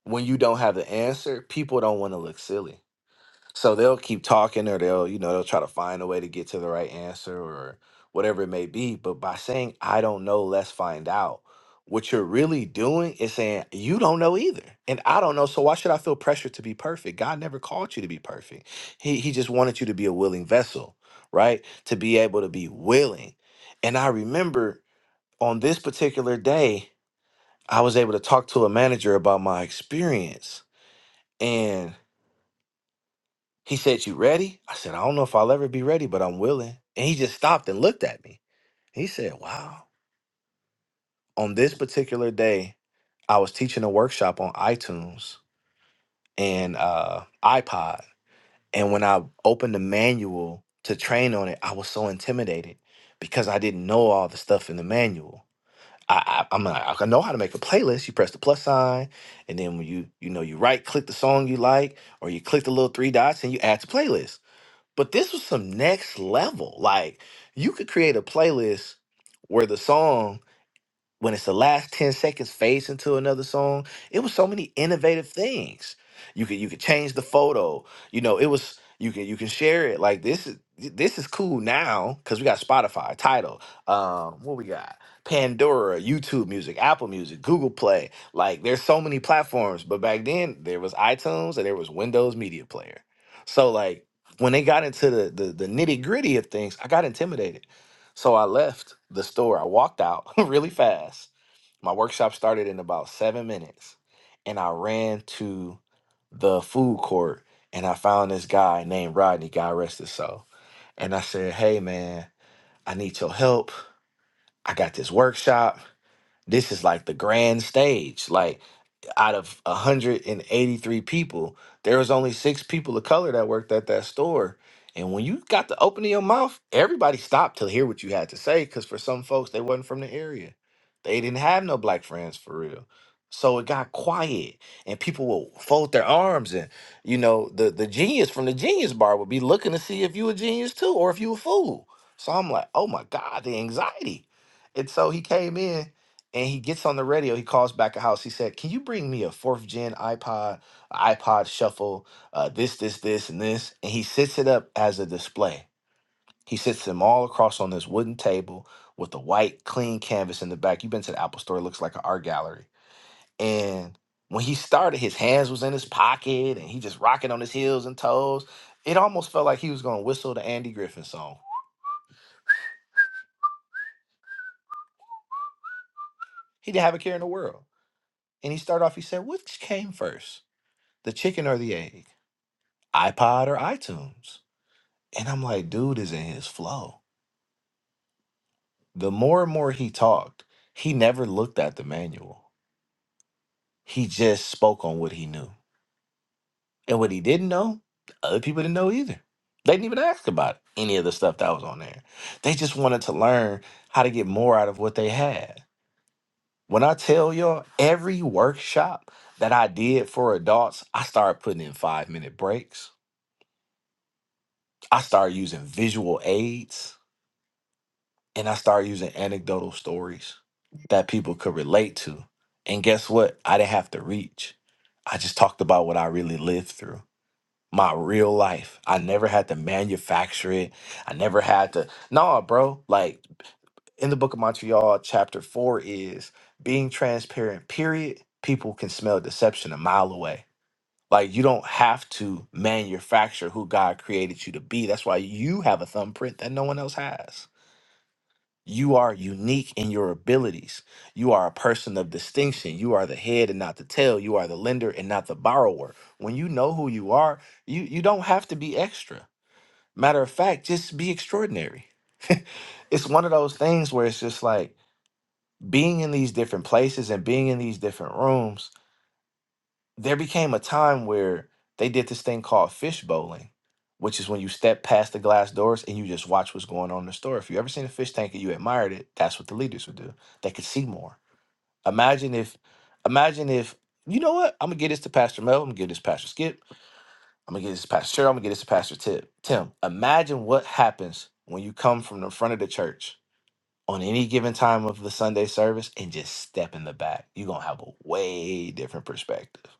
D: when you don't have the answer, people don't want to look silly. So they'll keep talking or they'll, you know, they'll try to find a way to get to the right answer or whatever it may be. But by saying, I don't know, let's find out, what you're really doing is saying, you don't know either. And I don't know. So why should I feel pressure to be perfect? God never called you to be perfect. He, he just wanted you to be a willing vessel, right? To be able to be willing. And I remember on this particular day, I was able to talk to a manager about my experience. And he said, You ready? I said, I don't know if I'll ever be ready, but I'm willing. And he just stopped and looked at me. He said, Wow. On this particular day, I was teaching a workshop on iTunes and uh, iPod. And when I opened the manual to train on it, I was so intimidated because I didn't know all the stuff in the manual. I, I I'm like, I know how to make a playlist. You press the plus sign, and then when you you know you right click the song you like, or you click the little three dots and you add to playlist. But this was some next level. Like you could create a playlist where the song when it's the last 10 seconds fades into another song it was so many innovative things you could you could change the photo you know it was you can you can share it like this is this is cool now because we got spotify title um what we got pandora youtube music apple music google play like there's so many platforms but back then there was itunes and there was windows media player so like when they got into the the, the nitty gritty of things i got intimidated so I left the store. I walked out really fast. My workshop started in about seven minutes. And I ran to the food court and I found this guy named Rodney, God rest his soul. And I said, Hey man, I need your help. I got this workshop. This is like the grand stage. Like out of 183 people, there was only six people of color that worked at that store. And when you got the opening your mouth, everybody stopped to hear what you had to say. Cause for some folks, they wasn't from the area. They didn't have no black friends for real. So it got quiet and people will fold their arms and you know, the, the genius from the genius bar would be looking to see if you a genius too or if you a fool. So I'm like, oh my God, the anxiety. And so he came in and he gets on the radio. He calls back a house. He said, "Can you bring me a fourth gen iPod, a iPod Shuffle, uh, this, this, this, and this?" And he sets it up as a display. He sets them all across on this wooden table with a white, clean canvas in the back. You've been to the Apple Store; it looks like an art gallery. And when he started, his hands was in his pocket, and he just rocking on his heels and toes. It almost felt like he was going to whistle the Andy Griffin song. He didn't have a care in the world. And he started off. He said, "Which came first, the chicken or the egg?" iPod or iTunes. And I'm like, dude is in his flow. The more and more he talked, he never looked at the manual. He just spoke on what he knew. And what he didn't know, other people didn't know either. They didn't even ask about any of the stuff that was on there. They just wanted to learn how to get more out of what they had. When I tell y'all, every workshop that I did for adults, I started putting in five minute breaks. I started using visual aids. and I started using anecdotal stories that people could relate to. And guess what? I didn't have to reach. I just talked about what I really lived through. My real life. I never had to manufacture it. I never had to. Nah, bro. Like in the book of Montreal, chapter four is being transparent, period. People can smell deception a mile away. Like you don't have to manufacture who God created you to be. That's why you have a thumbprint that no one else has you are unique in your abilities. You are a person of distinction. You are the head and not the tail. You are the lender and not the borrower. When you know who you are, you, you don't have to be extra. Matter of fact, just be extraordinary. it's one of those things where it's just like being in these different places and being in these different rooms there became a time where they did this thing called fish bowling, which is when you step past the glass doors and you just watch what's going on in the store. If you ever seen a fish tank and you admired it, that's what the leaders would do. They could see more. Imagine if, imagine if you know what? I'm gonna get this to Pastor Mel. I'm gonna get this to Pastor Skip. I'm gonna get this to Pastor Cheryl. I'm gonna get this to Pastor Tip. Tim, imagine what happens when you come from the front of the church on any given time of the Sunday service and just step in the back. You're gonna have a way different perspective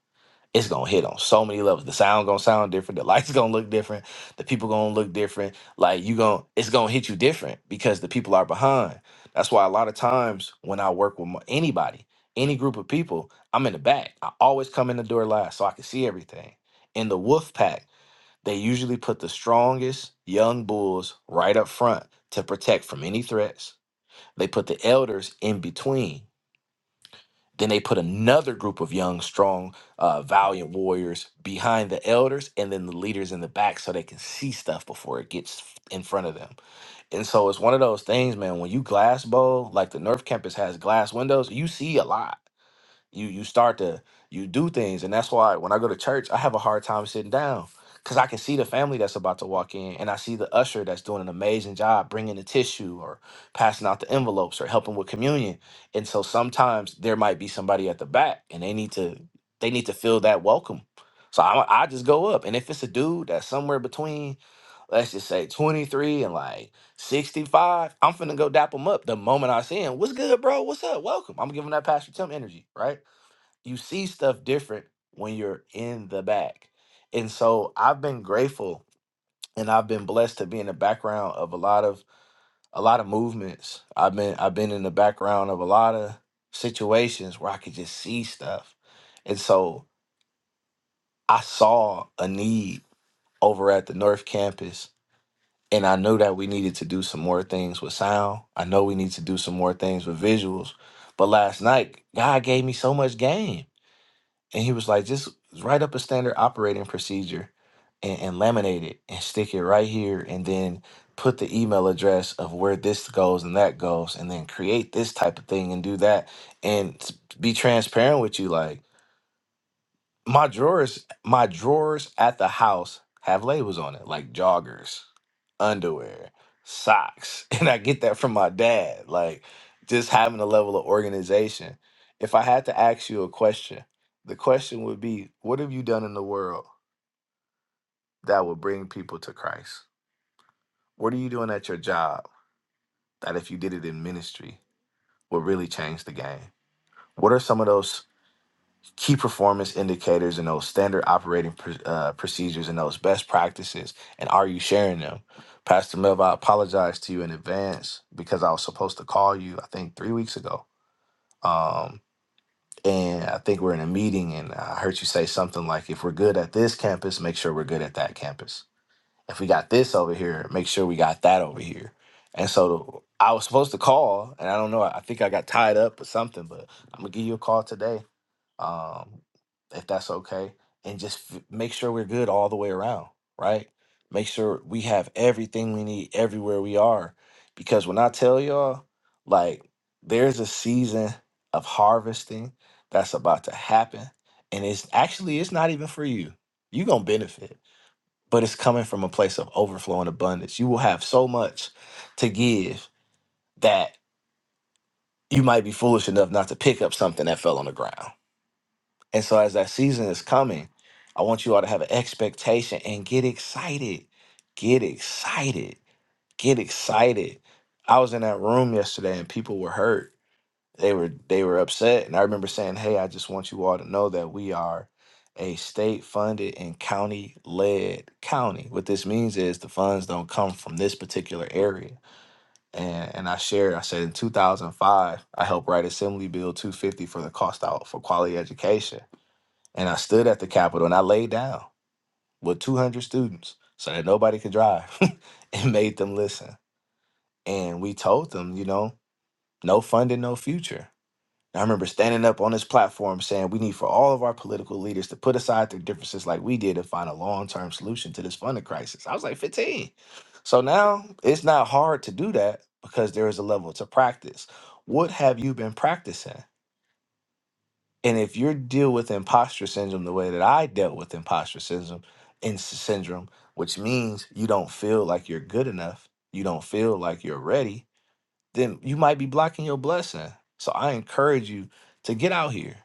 D: it's gonna hit on so many levels. The sound gonna sound different. The lights gonna look different. The people gonna look different. Like you gonna, it's gonna hit you different because the people are behind. That's why a lot of times when I work with my- anybody, any group of people, I'm in the back. I always come in the door last so I can see everything. In the wolf pack, they usually put the strongest young bulls right up front to protect from any threats. They put the elders in between then they put another group of young, strong, uh, valiant warriors behind the elders and then the leaders in the back so they can see stuff before it gets in front of them. And so it's one of those things, man, when you glass bowl, like the North Campus has glass windows, you see a lot you you start to you do things and that's why when i go to church i have a hard time sitting down because i can see the family that's about to walk in and i see the usher that's doing an amazing job bringing the tissue or passing out the envelopes or helping with communion and so sometimes there might be somebody at the back and they need to they need to feel that welcome so i, I just go up and if it's a dude that's somewhere between let's just say 23 and like 65 i'm finna go dap him up the moment i see him what's good bro what's up welcome i'm giving that pastor tim energy right you see stuff different when you're in the back. And so I've been grateful and I've been blessed to be in the background of a lot of a lot of movements. I've been I've been in the background of a lot of situations where I could just see stuff. And so I saw a need over at the North campus and I knew that we needed to do some more things with sound. I know we need to do some more things with visuals. But last night, God gave me so much game And he was like, just write up a standard operating procedure and, and laminate it and stick it right here. And then put the email address of where this goes and that goes. And then create this type of thing and do that. And s- be transparent with you. Like, my drawers, my drawers at the house have labels on it, like joggers, underwear, socks. And I get that from my dad. Like just having a level of organization. If I had to ask you a question, the question would be, what have you done in the world that would bring people to Christ? What are you doing at your job that if you did it in ministry would really change the game? What are some of those key performance indicators and those standard operating pr- uh, procedures and those best practices and are you sharing them pastor melva i apologize to you in advance because i was supposed to call you i think three weeks ago um, and i think we're in a meeting and i heard you say something like if we're good at this campus make sure we're good at that campus if we got this over here make sure we got that over here and so i was supposed to call and i don't know i think i got tied up or something but i'm gonna give you a call today um, if that's okay, and just f- make sure we're good all the way around, right? Make sure we have everything we need everywhere we are. Because when I tell y'all, like, there's a season of harvesting that's about to happen. And it's actually, it's not even for you. You're going to benefit, but it's coming from a place of overflow and abundance. You will have so much to give that you might be foolish enough not to pick up something that fell on the ground and so, as that season is coming, I want you all to have an expectation and get excited. Get excited. Get excited. I was in that room yesterday and people were hurt. They were they were upset. And I remember saying, Hey, I just want you all to know that we are a state funded and county led county. What this means is the funds don't come from this particular area. And and I shared, I said in 2005, I helped write Assembly Bill 250 for the cost out for quality education and I stood at the Capitol and I laid down with 200 students so that nobody could drive and made them listen. And we told them, you know, no funding, no future. And I remember standing up on this platform saying we need for all of our political leaders to put aside their differences like we did and find a long term solution to this funding crisis. I was like 15. So now it's not hard to do that because there is a level to practice. What have you been practicing? And if you deal with imposter syndrome the way that I dealt with imposter syndrome, in syndrome, which means you don't feel like you're good enough, you don't feel like you're ready, then you might be blocking your blessing. So I encourage you to get out here.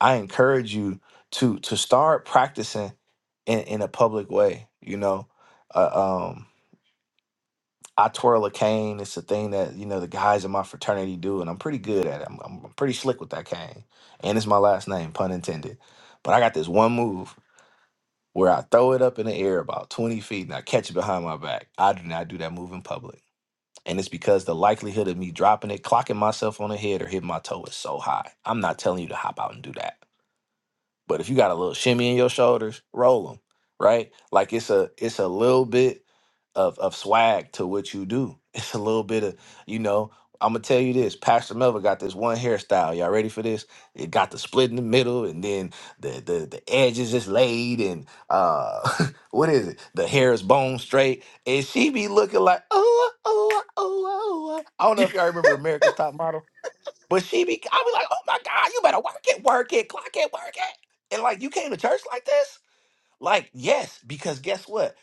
D: I encourage you to to start practicing in, in a public way. You know, Uh, um, I twirl a cane. It's a thing that you know the guys in my fraternity do, and I'm pretty good at it. I'm, I'm pretty slick with that cane, and it's my last name, pun intended. But I got this one move where I throw it up in the air about 20 feet and I catch it behind my back. I do not do that move in public, and it's because the likelihood of me dropping it, clocking myself on the head, or hitting my toe is so high. I'm not telling you to hop out and do that. But if you got a little shimmy in your shoulders, roll them, right? Like it's a it's a little bit of of swag to what you do. It's a little bit of you know. I'm gonna tell you this. Pastor Melvin got this one hairstyle. Y'all ready for this? It got the split in the middle, and then the the the edge is just laid, and uh, what is it? The hair is bone straight, and she be looking like oh oh oh oh. oh, oh." I don't know if y'all remember America's Top Model but she be, I be like, oh my God, you better work it, work it, clock it, work it. And like, you came to church like this? Like, yes, because guess what?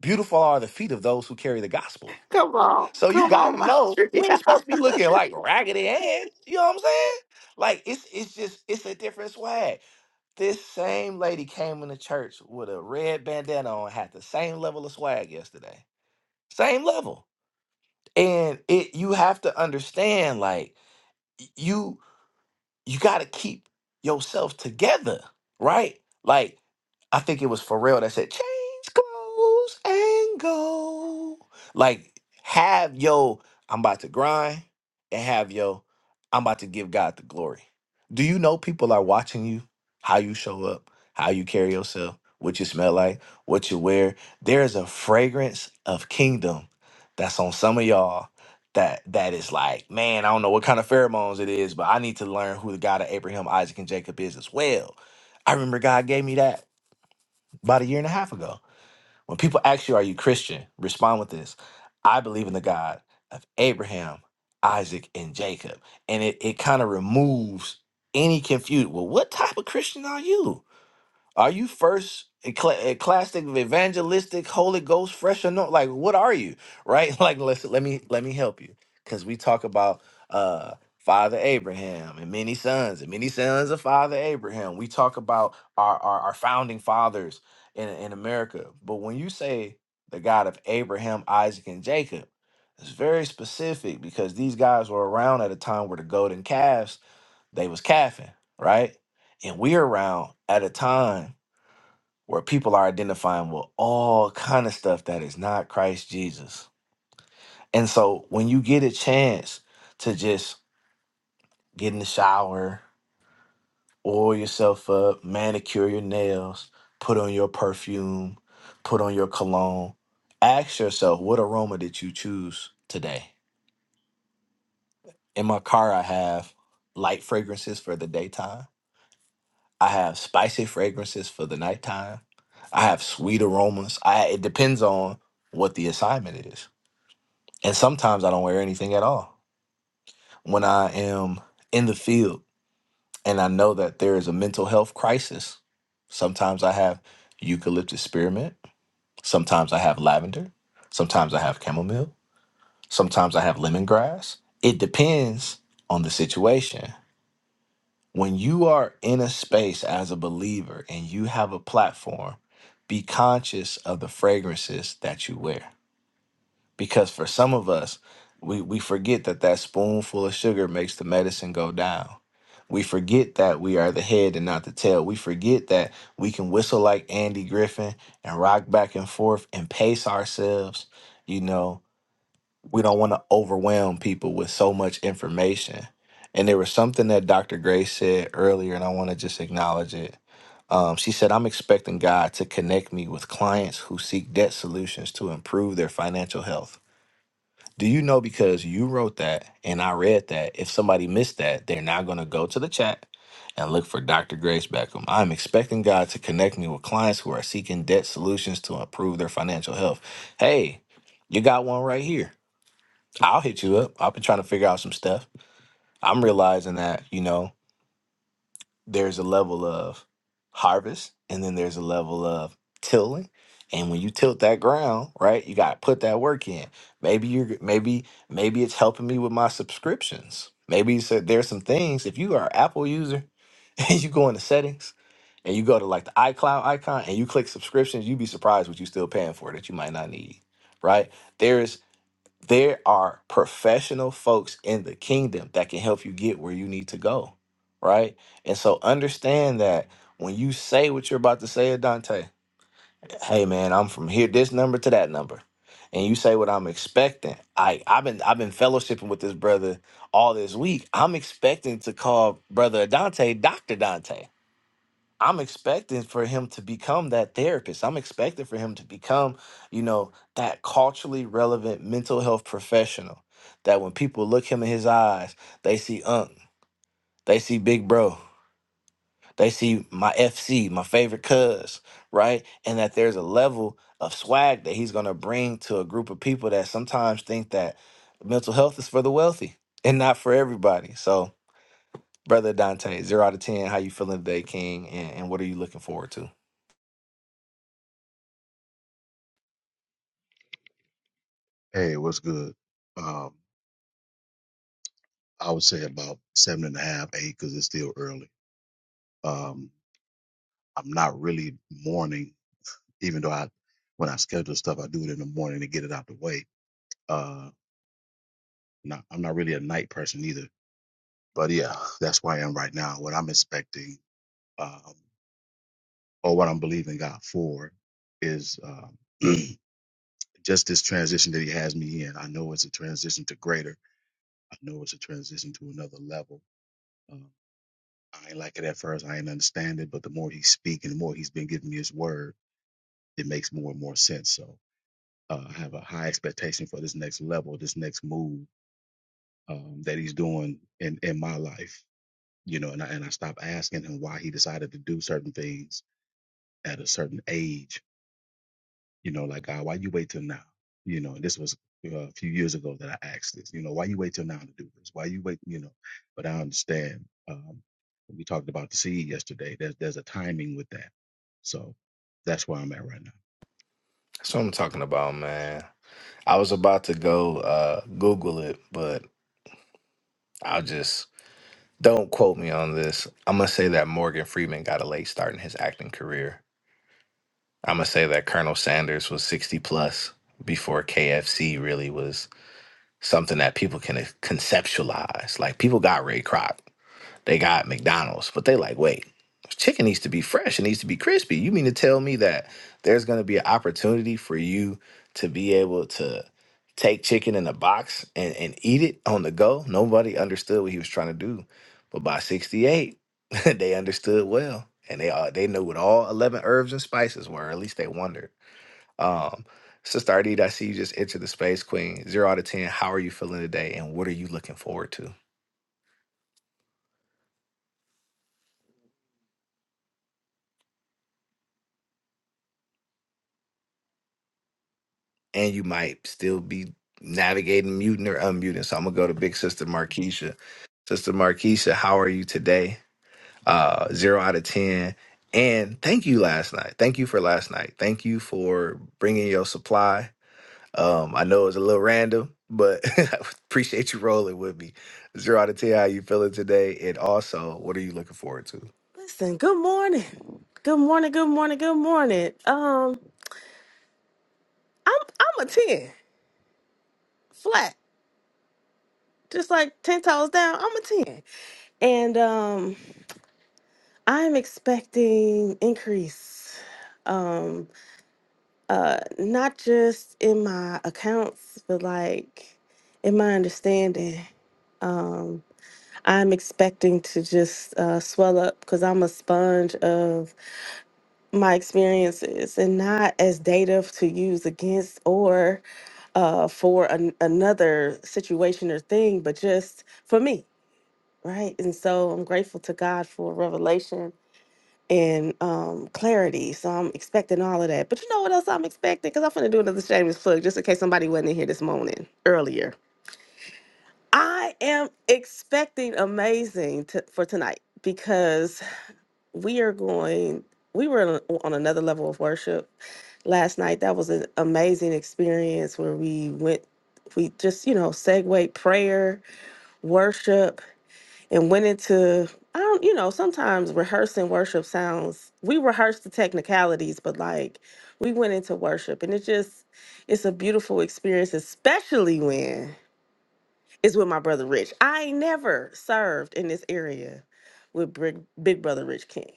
D: Beautiful are the feet of those who carry the gospel.
B: Come on,
D: So you
B: come on,
D: gotta
B: my
D: know
B: tree.
D: we ain't supposed to be looking like raggedy Ann. You know what I'm saying? Like it's it's just it's a different swag. This same lady came into church with a red bandana on, had the same level of swag yesterday. Same level. And it you have to understand, like, you you got to keep yourself together, right? Like, I think it was Pharrell that said, change clothes and go. Like, have yo, I'm about to grind and have yo, I'm about to give God the glory. Do you know people are watching you, how you show up, how you carry yourself, what you smell like, what you wear? There is a fragrance of kingdom that's on some of y'all that that is like, man, I don't know what kind of pheromones it is, but I need to learn who the God of Abraham, Isaac, and Jacob is as well. I remember God gave me that about a year and a half ago. When people ask you, "Are you Christian?" respond with this: "I believe in the God of Abraham, Isaac, and Jacob," and it it kind of removes any confusion. Well, what type of Christian are you? Are you first ecle- ecclesiastic, evangelistic, Holy Ghost, fresh anoint? Like, what are you? Right? Like, let's let me let me help you because we talk about uh Father Abraham and many sons and many sons of Father Abraham. We talk about our our, our founding fathers in in America. But when you say the God of Abraham, Isaac, and Jacob, it's very specific because these guys were around at a time where the golden calves they was calving, right? And we're around at a time where people are identifying with all kind of stuff that is not Christ Jesus. And so when you get a chance to just get in the shower, oil yourself up, manicure your nails, put on your perfume, put on your cologne, ask yourself what aroma did you choose today? In my car I have light fragrances for the daytime. I have spicy fragrances for the nighttime. I have sweet aromas. I it depends on what the assignment is And sometimes I don't wear anything at all. When I am in the field and I know that there is a mental health crisis, sometimes I have eucalyptus spearmint, sometimes I have lavender, sometimes I have chamomile, sometimes I have lemongrass. It depends on the situation. When you are in a space as a believer and you have a platform, be conscious of the fragrances that you wear because for some of us we we forget that that spoonful of sugar makes the medicine go down we forget that we are the head and not the tail we forget that we can whistle like andy griffin and rock back and forth and pace ourselves you know we don't want to overwhelm people with so much information and there was something that dr gray said earlier and i want to just acknowledge it um, she said, I'm expecting God to connect me with clients who seek debt solutions to improve their financial health. Do you know because you wrote that and I read that, if somebody missed that, they're now going to go to the chat and look for Dr. Grace Beckham. I'm expecting God to connect me with clients who are seeking debt solutions to improve their financial health. Hey, you got one right here. I'll hit you up. I've been trying to figure out some stuff. I'm realizing that, you know, there's a level of harvest and then there's a level of tilling and when you tilt that ground right you got to put that work in maybe you're maybe maybe it's helping me with my subscriptions maybe you said there's some things if you are an apple user and you go into settings and you go to like the icloud icon and you click subscriptions you'd be surprised what you're still paying for that you might not need right There's there are professional folks in the kingdom that can help you get where you need to go, right? And so understand that when you say what you're about to say, Dante, hey man, I'm from here, this number to that number. And you say what I'm expecting. I I've been I've been fellowshipping with this brother all this week. I'm expecting to call brother Dante Dr. Dante. I'm expecting for him to become that therapist. I'm expecting for him to become, you know, that culturally relevant mental health professional. That when people look him in his eyes, they see Unc, they see Big Bro, they see my FC, my favorite cuz, right? And that there's a level of swag that he's gonna bring to a group of people that sometimes think that mental health is for the wealthy and not for everybody. So, brother Dante, zero out of ten, how you feeling today, King? And, and what are you looking forward to?
F: Hey, what's good? Um, I would say about seven and a half, eight, because it's still early. Um, I'm not really morning, even though I, when I schedule stuff, I do it in the morning to get it out the way. Uh, not, I'm not really a night person either. But yeah, that's where I am right now. What I'm expecting, um, or what I'm believing God for, is um, just this transition that He has me in. I know it's a transition to greater. I know it's a transition to another level. Um, I ain't like it at first. I ain't understand it, but the more he's speaking, the more he's been giving me his word, it makes more and more sense. So uh, I have a high expectation for this next level, this next move um, that he's doing in in my life. You know, and I and I stop asking him why he decided to do certain things at a certain age you know, like God, why you wait till now? You know, this was uh, a few years ago that I asked this. You know, why you wait till now to do this? Why you wait? You know, but I understand. Um, we talked about the seed yesterday. There's there's a timing with that, so that's where I'm at right now.
D: That's what I'm talking about, man. I was about to go uh, Google it, but I'll just don't quote me on this. I'm gonna say that Morgan Freeman got a late start in his acting career. I'm gonna say that Colonel Sanders was 60 plus before KFC really was something that people can conceptualize. Like people got Ray Kroc. They got McDonald's, but they like, wait, chicken needs to be fresh. It needs to be crispy. You mean to tell me that there's going to be an opportunity for you to be able to take chicken in a box and, and eat it on the go? Nobody understood what he was trying to do. But by 68, they understood well. And they all, they knew what all 11 herbs and spices were, or at least they wondered. Um, Sister Ardita, I see you just entered the space, Queen. Zero out of 10. How are you feeling today? And what are you looking forward to? and you might still be navigating muting or unmuting. So I'm gonna go to Big Sister Markeisha. Sister Markeisha, how are you today? Uh, zero out of ten. And thank you last night. Thank you for last night. Thank you for bringing your supply. Um, I know it was a little random, but I appreciate you rolling with me. Zero out of ten. How you feeling today? And also, what are you looking forward to?
G: Listen, good morning. Good morning, good morning, good morning. Um, I'm I'm a 10, flat. Just like 10 toes down, I'm a 10. And um I'm expecting increase. Um uh not just in my accounts, but like in my understanding. Um I'm expecting to just uh swell up because I'm a sponge of my experiences and not as data to use against or uh, for an, another situation or thing, but just for me, right? And so I'm grateful to God for revelation and um, clarity. So I'm expecting all of that. But you know what else I'm expecting? Because I'm going to do another shameless plug just in case somebody wasn't in here this morning earlier. I am expecting amazing to, for tonight because we are going we were on on another level of worship last night that was an amazing experience where we went we just you know segue prayer worship and went into i don't you know sometimes rehearsing worship sounds we rehearsed the technicalities but like we went into worship and it just it's a beautiful experience especially when it's with my brother rich i ain't never served in this area with Big Big brother rich king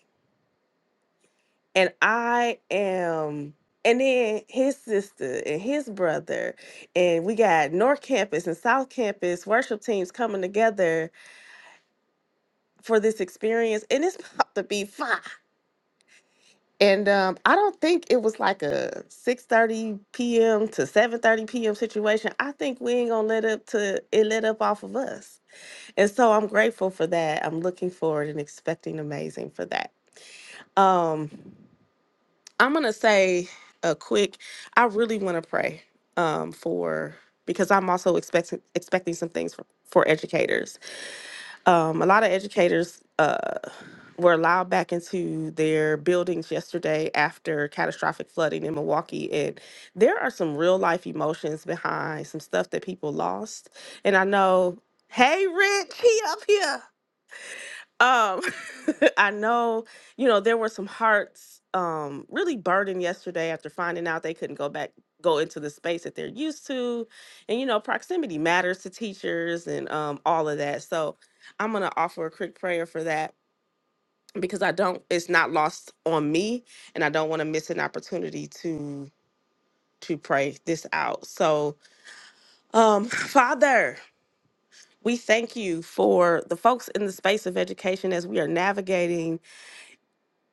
G: and I am, and then his sister and his brother, and we got North Campus and South Campus worship teams coming together for this experience, and it's about to be fire. And um, I don't think it was like a 6:30 p.m. to 7:30 p.m. situation. I think we ain't gonna let up to it let up off of us. And so I'm grateful for that. I'm looking forward and expecting amazing for that. Um, I'm gonna say a quick. I really want to pray um, for because I'm also expecting expecting some things for, for educators. Um, a lot of educators uh, were allowed back into their buildings yesterday after catastrophic flooding in Milwaukee, and there are some real life emotions behind some stuff that people lost. And I know, hey, Rich, he up here. Um, I know, you know, there were some hearts um really burdened yesterday after finding out they couldn't go back go into the space that they're used to. And you know, proximity matters to teachers and um all of that. So I'm gonna offer a quick prayer for that because I don't it's not lost on me and I don't want to miss an opportunity to to pray this out. So um Father, we thank you for the folks in the space of education as we are navigating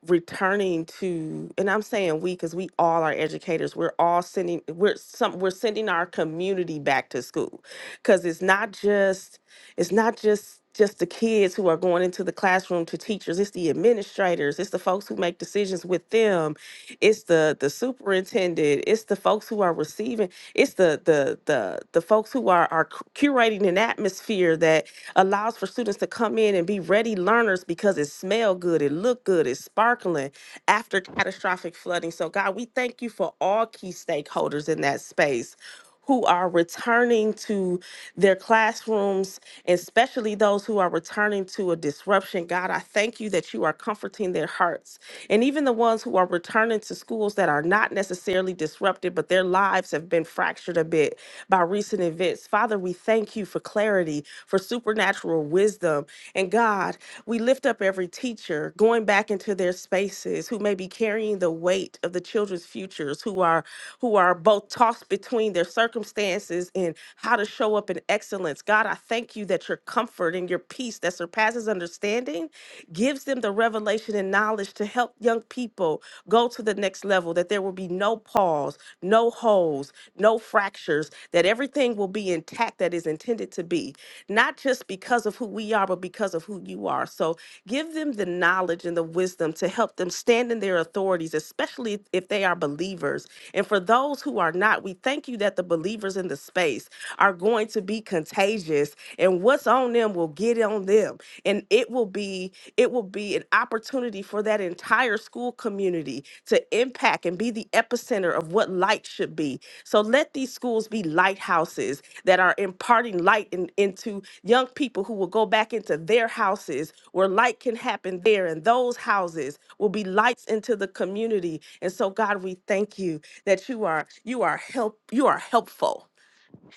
G: returning to and i'm saying we because we all are educators we're all sending we're some we're sending our community back to school because it's not just it's not just just the kids who are going into the classroom to teachers it's the administrators it's the folks who make decisions with them it's the the superintendent it's the folks who are receiving it's the the the, the folks who are are cu- curating an atmosphere that allows for students to come in and be ready learners because it smell good it look good it's sparkling after catastrophic flooding so god we thank you for all key stakeholders in that space who are returning to their classrooms, especially those who are returning to a disruption. God, I thank you that you are comforting their hearts. And even the ones who are returning to schools that are not necessarily disrupted, but their lives have been fractured a bit by recent events. Father, we thank you for clarity, for supernatural wisdom. And God, we lift up every teacher going back into their spaces who may be carrying the weight of the children's futures, who are who are both tossed match between their circumstances and how to show up in excellence. God, I thank you that your comfort and your peace that surpasses understanding gives them the revelation and knowledge to help young people go to the next level, that there will be no pause, no holes, no fractures, that everything will be intact that is intended to be, not just because of who we are, but because of who you are. So give them the knowledge and the wisdom to help them stand in their authorities, especially if if they are believers. And for those those who are not, we thank you that the believers in the space are going to be contagious and what's on them will get on them. And it will be it will be an opportunity for that entire school community to impact and be the epicenter of what light should be. So let these schools be lighthouses that are imparting light in, into young people who will go back into their houses where light can happen there. And those houses will be lights into the community. And so, God, we thank you that you are you are help you are helpful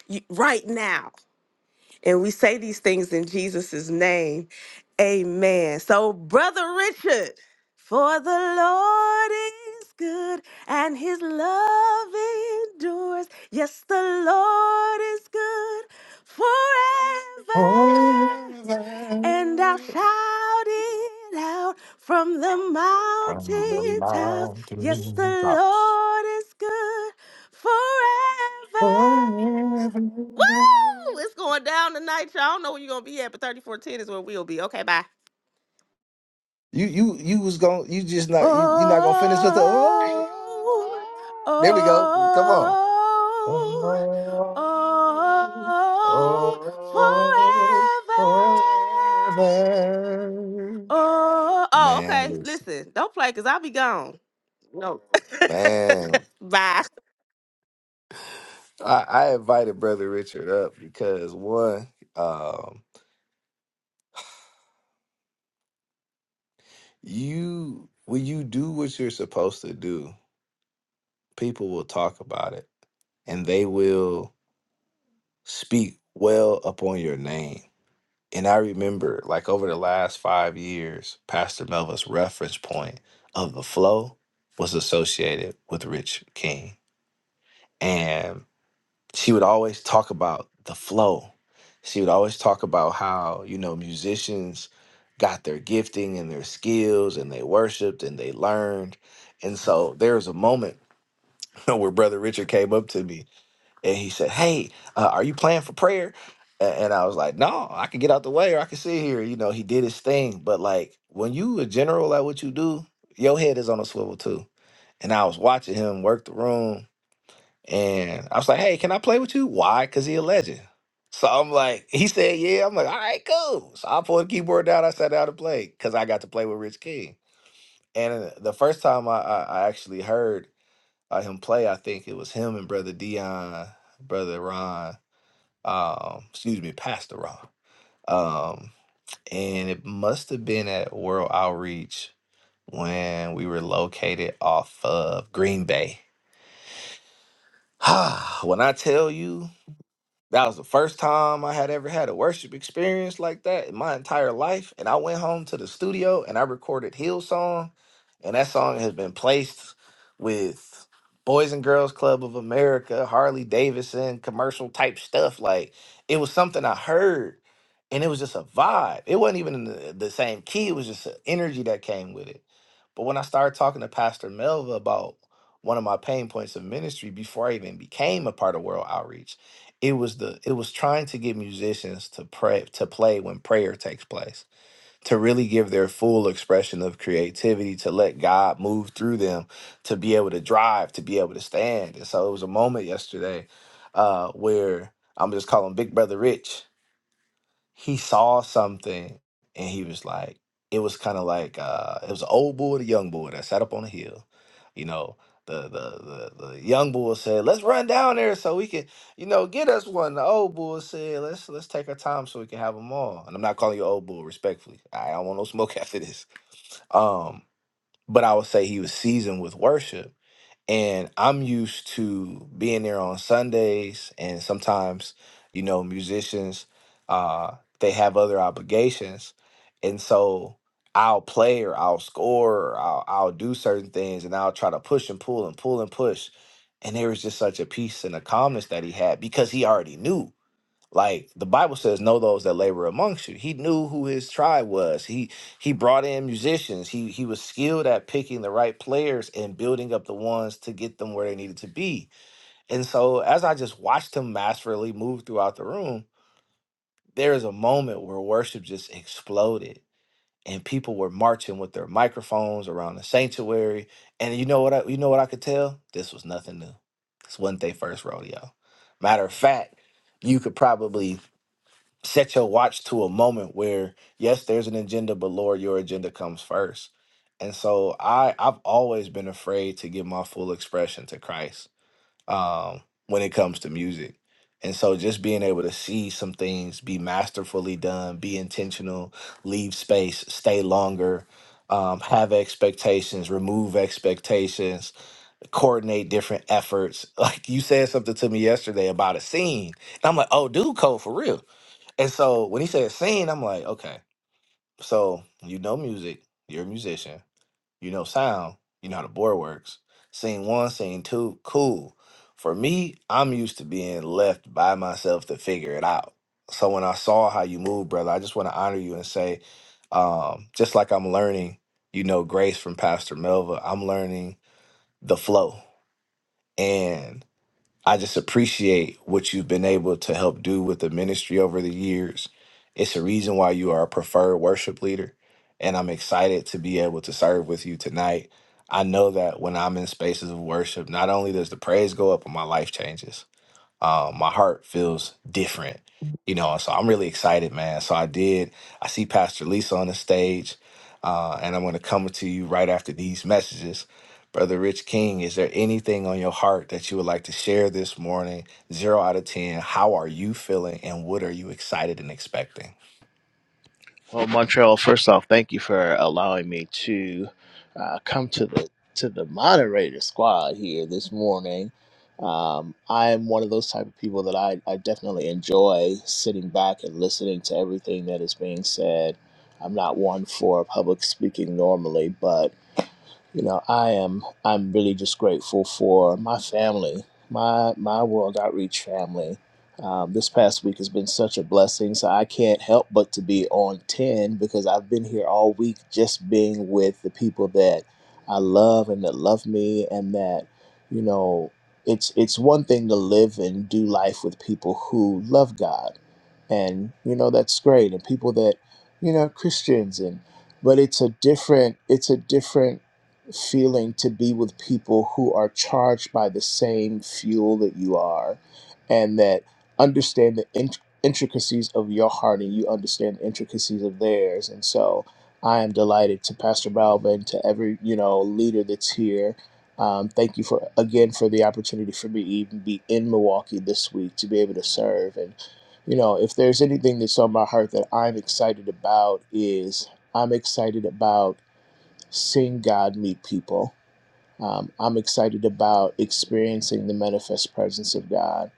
G: you, right now and we say these things in jesus' name amen so brother richard for the lord is good and his love endures yes the lord is good forever and I'll shout it out from the
D: From the
G: mountaintops. Yes, the
D: mountain tops.
G: Lord is good forever. Woo! It's going down tonight, y'all. I don't know where you're going to be at, but 3410 is where we'll be. Okay, bye.
D: You you you was going you just not you you not gonna finish with the oh ah." there we go. Come on.
G: Oh,
D: oh
G: oh, oh,
D: oh
G: forever.
D: forever.
G: Oh, oh,
D: Man,
G: okay.
D: listen.
G: Listen, don't play because I'll be gone. No.
D: Man.
G: Bye.
D: I, I invited Brother Richard up because one, um, you when you do what you're supposed to do, people will talk about it and they will speak well upon your name And I remember, like, over the last five years, Pastor Melva's reference point of the flow was associated with Rich King. And she would always talk about the flow. She would always talk about how, you know, musicians got their gifting and their skills and they worshiped and they learned. And so there was a moment where Brother Richard came up to me and he said, "Hey, uh, are you playing for prayer?" A- And I was like, "No, I can get out the way, or I can sit here." You know, he did his thing, but like when you a general at what you do, your head is on a swivel too. And I was watching him work the room, and I was like, "Hey, can I play with you?" Why? Because he a legend. So I'm like, he said, "Yeah." I'm like, "All right, cool." So I pulled the keyboard down. I sat down to play because I got to play with Rich King. And uh, the first time I, I, I actually heard uh, him play, I think it was him and Brother Dion, Brother Ron um, excuse me, Pastor Ron. Um, and it must have been at World Outreach when we were located off of Green Bay. when I tell you That was the first time I had ever had a worship experience like that in my entire life. And I went home to the studio and I recorded Hillsong. And that song has been placed with Boys and Girls Club of America, Harley Davidson, commercial type stuff. Like it was something I heard and it was just a vibe. It wasn't even in the, the same key, it was just an energy that came with it. But when I started talking to Pastor Melva about one of my pain points of ministry before I even became a part of World Outreach, it was the it was trying to get musicians to pray to play when prayer takes place, to really give their full expression of creativity, to let God move through them, to be able to drive, to be able to stand. And so it was a moment yesterday uh, where I'm just calling Big Brother Rich he saw something and he was like it was kind of like uh it was an old bull and a young bull that sat up on a hill you know the, the the the young bull said let's run down there so we can you know get us one the old bull said let's let's take our time so we can have them all and i'm not calling you old bull respectfully i don't want no smoke after this um but i would say he was seasoned with worship and I'm used to being there on Sundays, and sometimes, you know, musicians, uh, they have other obligations, and so I'll play or I'll score or I'll, I'll do certain things, and I'll try to push and pull and pull and push. And there was just such a peace and a calmness that he had because he already knew. Like the Bible says, know those that labor amongst you. He knew who his tribe was. He he brought in musicians. He he was skilled at picking the right players and building up the ones to get them where they needed to be. And so as I just watched him masterfully move throughout the room, there is a moment where worship just exploded and people were marching with their microphones around the sanctuary. And you know what I you know what I could tell? This was nothing new. This wasn't their first rodeo. Matter of fact, you could probably set your watch to a moment where yes there's an agenda but lord your agenda comes first and so i i've always been afraid to give my full expression to christ um when it comes to music and so just being able to see some things be masterfully done be intentional leave space stay longer um, have expectations remove expectations coordinate different efforts like you said something to me yesterday about a scene and i'm like oh dude code for real and so when he said sing, I'm like, okay, so you know music, you're a musician, you know sound, you know how the board works. Scene one, scene two, cool. For me, I'm used to being left by myself to figure it out. So when I saw how you move, brother, I just want to honor you and say, um, just like I'm learning, you know, grace from Pastor Melva, I'm learning the flow. I just appreciate what you've been able to help do with the ministry over the years. It's a reason why you are a preferred worship leader. And I'm excited to be able to serve with you tonight. I know that when I'm in spaces of worship, not only does the praise go up, but my life changes um, my heart feels different, you know. So I'm really excited, man. So I did. I see Pastor Lisa on the stage, uh, and I'm going to come to you right after these messages. Brother Rich King, is there anything on your heart that you would like to share this morning? Zero out of 10. How are you feeling and what are you excited and expecting?
H: Well, Montreal, first off, thank you for allowing me to uh, come to the to the moderator squad here this morning. Um, I am one of those type of people that I, I definitely enjoy sitting back and listening to everything that is being said. I'm not one for public speaking normally, but you know i am i'm really just grateful for my family my my world outreach family um, this past week has been such a blessing so i can't help but to be on 10 because i've been here all week just being with the people that i love and that love me and that you know it's it's one thing to live and do life with people who love god and you know that's great and people that you know christians and but it's a different it's a different feeling to be with people who are charged by the same fuel that you are and that understand the int- intricacies of your heart and you understand the intricacies of theirs and so i am delighted to pastor Balvin, to every you know leader that's here um, thank you for again for the opportunity for me to even be in milwaukee this week to be able to serve and you know if there's anything that's on my heart that i'm excited about is i'm excited about seeing God meet people. Um, I'm excited about experiencing the manifest presence of God.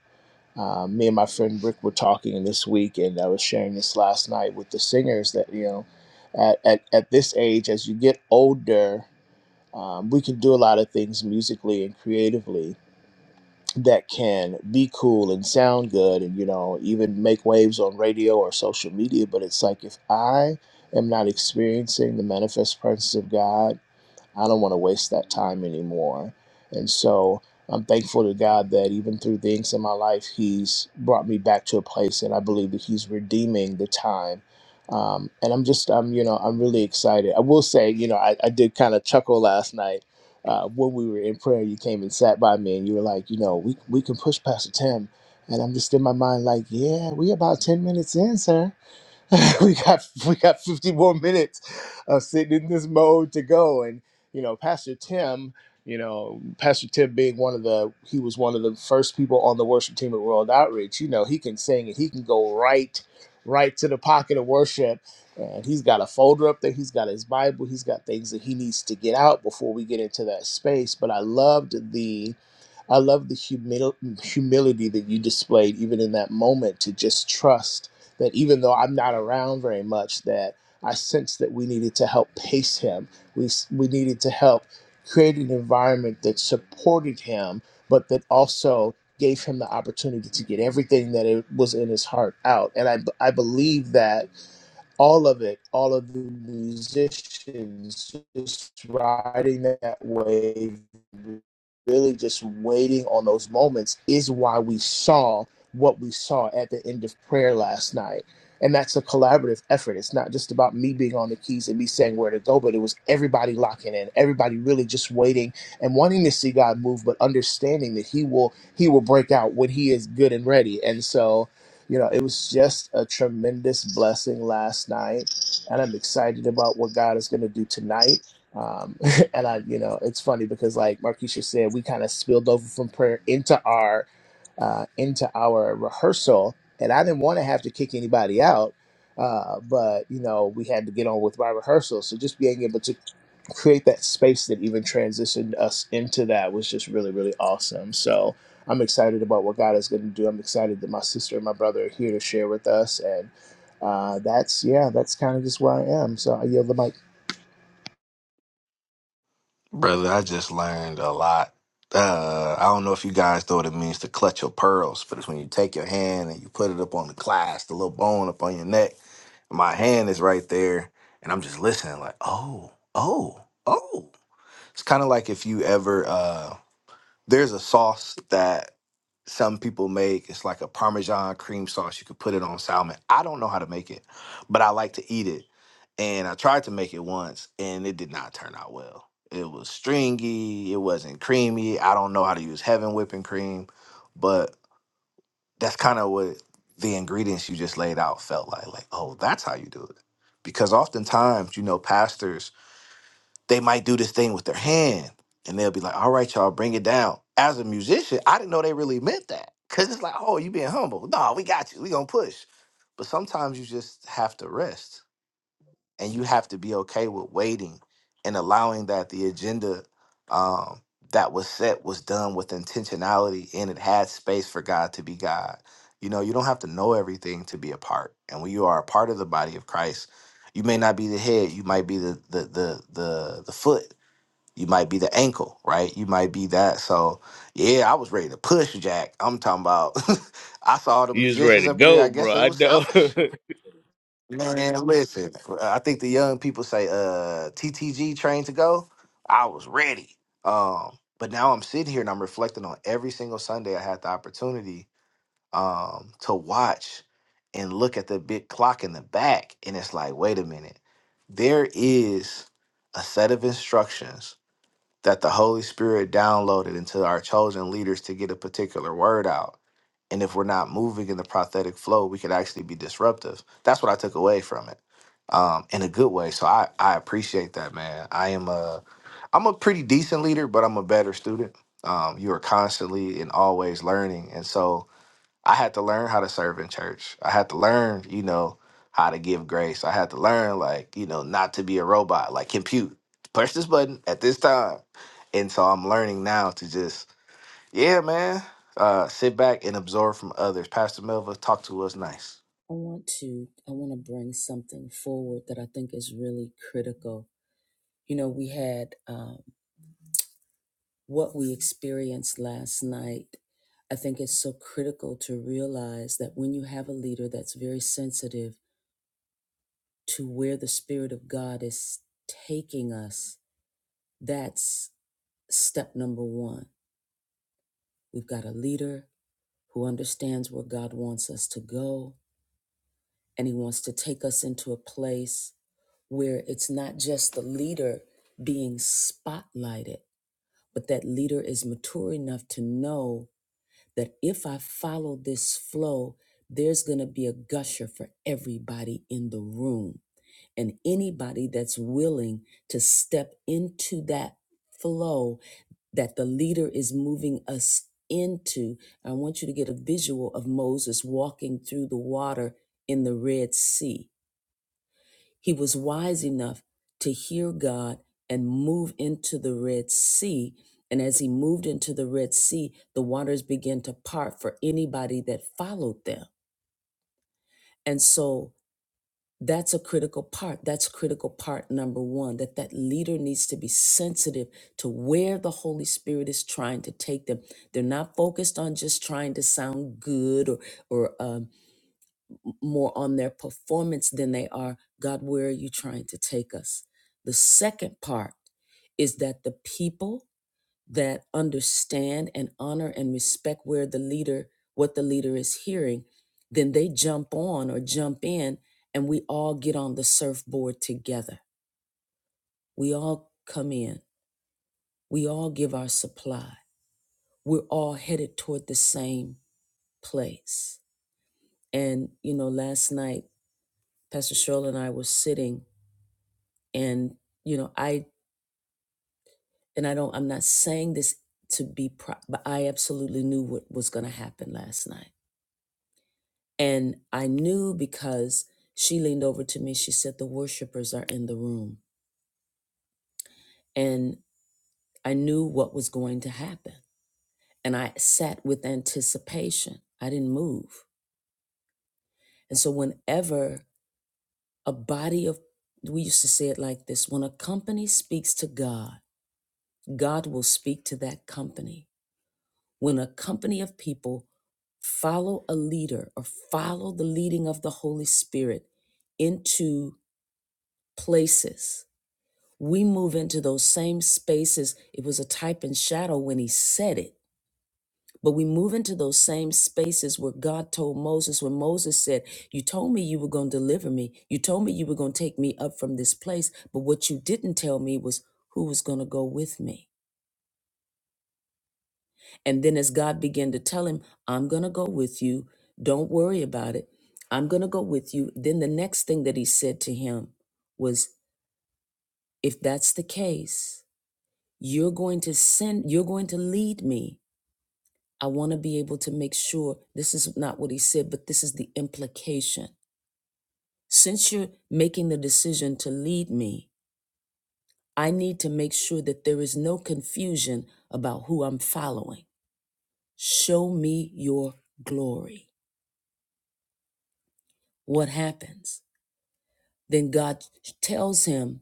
H: Um, me and my friend Rick were talking this week, and I was sharing this last night with the singers that, you know, at, at, at this age, as you get older, um, we can do a lot of things musically and creatively that can be cool and sound good and, you know, even make waves on radio or social media. But it's like if I am not experiencing the manifest presence of God, I don't want to waste that time anymore. And so I'm thankful to God that even through things in my life, He's brought me back to a place that I believe that He's redeeming the time. Um, and I'm just, I'm, you know, I'm really excited. I will say, you know, I, I did kind of chuckle last night uh, when we were in prayer. You came and sat by me, and you were like, you know, we we can push Pastor Tim. And I'm just in my mind like, yeah, we about ten minutes in, sir we got we got 50 more minutes of sitting in this mode to go and you know pastor tim you know pastor tim being one of the he was one of the first people on the worship team at world outreach you know he can sing and he can go right right to the pocket of worship and he's got a folder up there he's got his bible he's got things that he needs to get out before we get into that space but i loved the I love the humil- humility that you displayed even in that moment to just trust that even though I'm not around very much, that I sensed that we needed to help pace him. We, s- we needed to help create an environment that supported him, but that also gave him the opportunity to get everything that it was in his heart out. And I, b- I believe that all of it, all of the musicians just riding that wave, really just waiting on those moments is why we saw what we saw at the end of prayer last night. And that's a collaborative effort. It's not just about me being on the keys and me saying where to go, but it was everybody locking in, everybody really just waiting and wanting to see God move, but understanding that He will He will break out when He is good and ready. And so you know, it was just a tremendous blessing last night, and I'm excited about what God is going to do tonight. Um, and I, you know, it's funny because like Markeisha said, we kind of spilled over from prayer into our uh, into our rehearsal, and I didn't want to have to kick anybody out. Uh, but you know, we had to get on with my rehearsal. So just being able to create that space that even transitioned us into that was just really, really awesome. So I'm excited about what God is going to do. I'm excited that my sister and my brother are here to share with us. And uh, that's, yeah, that's kind of just where I am. So I yield the mic.
D: Brother, I just learned a lot. Uh, I don't know if you guys know what it means to clutch your pearls, but it's when you take your hand and you put it up on the clasp, the little bone up on your neck. My hand is right there, and I'm just listening, like, oh, oh, oh. It's kind of like if you ever uh, there's a sauce that some people make. It's like a Parmesan cream sauce. You could put it on salmon. I don't know how to make it, but I like to eat it. And I tried to make it once and it did not turn out well. It was stringy, it wasn't creamy. I don't know how to use heaven whipping cream, but that's kind of what the ingredients you just laid out felt like. Like, oh, that's how you do it. Because oftentimes, you know, pastors they might do this thing with their hand and they'll be like, all right, y'all, bring it down. As a musician, I didn't know they really meant that. Cause it's like, oh, you being humble. No, we got you. We gonna push. But sometimes you just have to rest and you have to be okay with waiting and allowing that the agenda um, that was set was done with intentionality and it had space for God to be God. You know, you don't have to know everything to be a part. And when you are a part of the body of Christ, you may not be the head, you might be the the the the, the foot you might be the ankle, right? You might be that. So, yeah, I was ready to push Jack. I'm talking about. I saw the
H: You was
D: musicians
H: ready to
D: up there.
H: go,
D: I guess
H: bro.
D: they
H: I
D: was
H: know.
D: selfish. Man, listen. I think the young people say, "Uh, TTG train to go." I was ready. Um, but now I'm sitting here and I'm reflecting on every single Sunday I had the opportunity um to watch and look at the big clock in the back, and it's like, wait a minute, there is a set of instructions that the Holy Spirit downloaded into our chosen leaders to get a particular word out. And if we're not moving in the prophetic flow, we could actually be disruptive. That's what I took away from it. Um, in a good way. So I, I appreciate that, man. I am a I'm a pretty decent leader, but I'm a better student. Um, you are constantly and always learning. And so I had to learn how to serve in church. I had to learn, you know, how to give grace. I had to learn, like, you know, not to be a robot, like compute, push this button at this time. And so I'm learning now to just, yeah, man, uh, sit back and absorb from others. Pastor Melva, talk to us nice.
A: I want to I want to bring something forward that I think is really critical. You know, we had um, what we experienced last night. I think it's so critical to realize that when you have a leader that's very sensitive to where the spirit of God is taking us, that's step number 1. We've got a leader who understands where God wants us to go. And He wants to take us into a place where it's not just the leader being spotlighted, but that leader is mature enough to know that if I follow this flow, there's going to be a gusher for everybody in the room and anybody that's willing to step into that flow that the leader is moving us into, I want you to get a visual of Moses walking through the water in the Red Sea. He was wise enough to hear God and move into the Red Sea. And as he moved into the Red Sea, the waters began to part for anybody that followed them. And so that's a critical part that's critical part number one that that leader needs to be sensitive to where the holy spirit is trying to take them they're not focused on just trying to sound good or or um, more on their performance than they are god where are you trying to take us the second part is that the people that understand and honor and respect where the leader what the leader is hearing then they jump on or jump in and we all get on the surfboard together we all come in we all give our supply we're all headed toward the same place and you know last night pastor Cheryl and i were sitting and you know i and i don't i'm not saying this to be pro- but i absolutely knew what was going to happen last night And I knew because she leaned over to me, she said, The worshipers are in the room. And I knew what was going to happen. And I sat with anticipation. I didn't move. And so, whenever a body of, we used to say it like this when a company speaks to God, God will speak to that company. When a company of people follow a leader or follow the leading of the Holy Spirit into places, we move into those same spaces. It was a type and shadow when he said it. But we move into those same spaces where God told Moses, when Moses said, You told me you were going to deliver me. You told me you were going to take me up from this place. But what you didn't tell me was who was going to go with me. And then as God began to tell him, I'm going to go with you. Don't worry about it. I'm going to go with you. Then the next thing that he said to him was, If that's the case, You're going to send, you're going to lead me. I want to be able to make sure this is not what he said, but this is the implication. Since you're making the decision to lead me, I need to make sure that there is no confusion about who I'm following. Show me your glory. What happens? Then God tells him,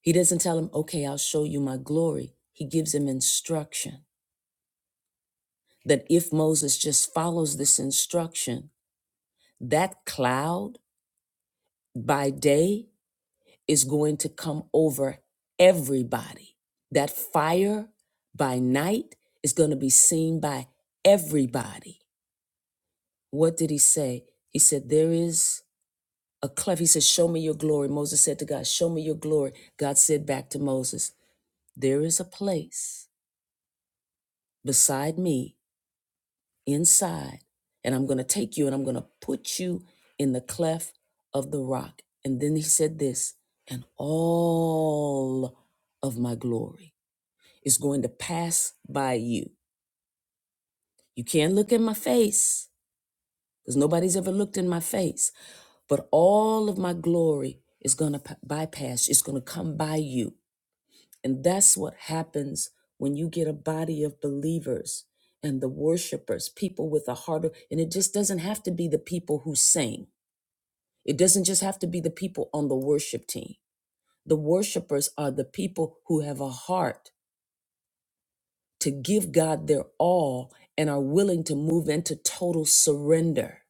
A: He doesn't tell him, okay, I'll show you my glory. He gives him instruction that if Moses just follows this instruction, That cloud by day is going to come over everybody. That fire by night is going to be seen by everybody. What did he say? He said, There is a cleft. He said, Show me your glory. Moses said to God, Show me your glory. God said back to Moses, There is a place beside me inside and I'm going to take you and I'm going to put you in the cleft of the rock. And then he said this, and all of my glory is going to pass by you. You can't look in my face because nobody's ever looked in my face, but all of my glory is going to bypass, it's going to come by you. And that's what happens when you get a body of believers and the worshipers, people with a heart. of- and it just doesn't have to be the people who sing, it doesn't just have to be the people on the worship team. The worshipers are the people who have a heart to give God their all and are willing to move into total surrender.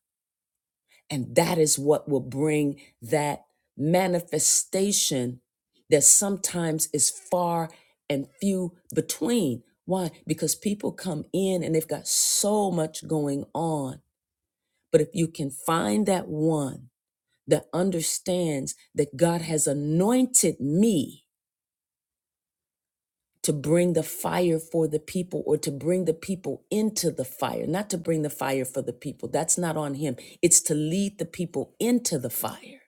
A: And that is what will bring that manifestation that sometimes is far and few between. Why? Because people come in and they've got so much going on. But if you can find that one that understands that God has anointed me to bring the fire for the people or to bring the people into the fire, not to bring the fire for the people, that's not on Him. It's to lead the people into the fire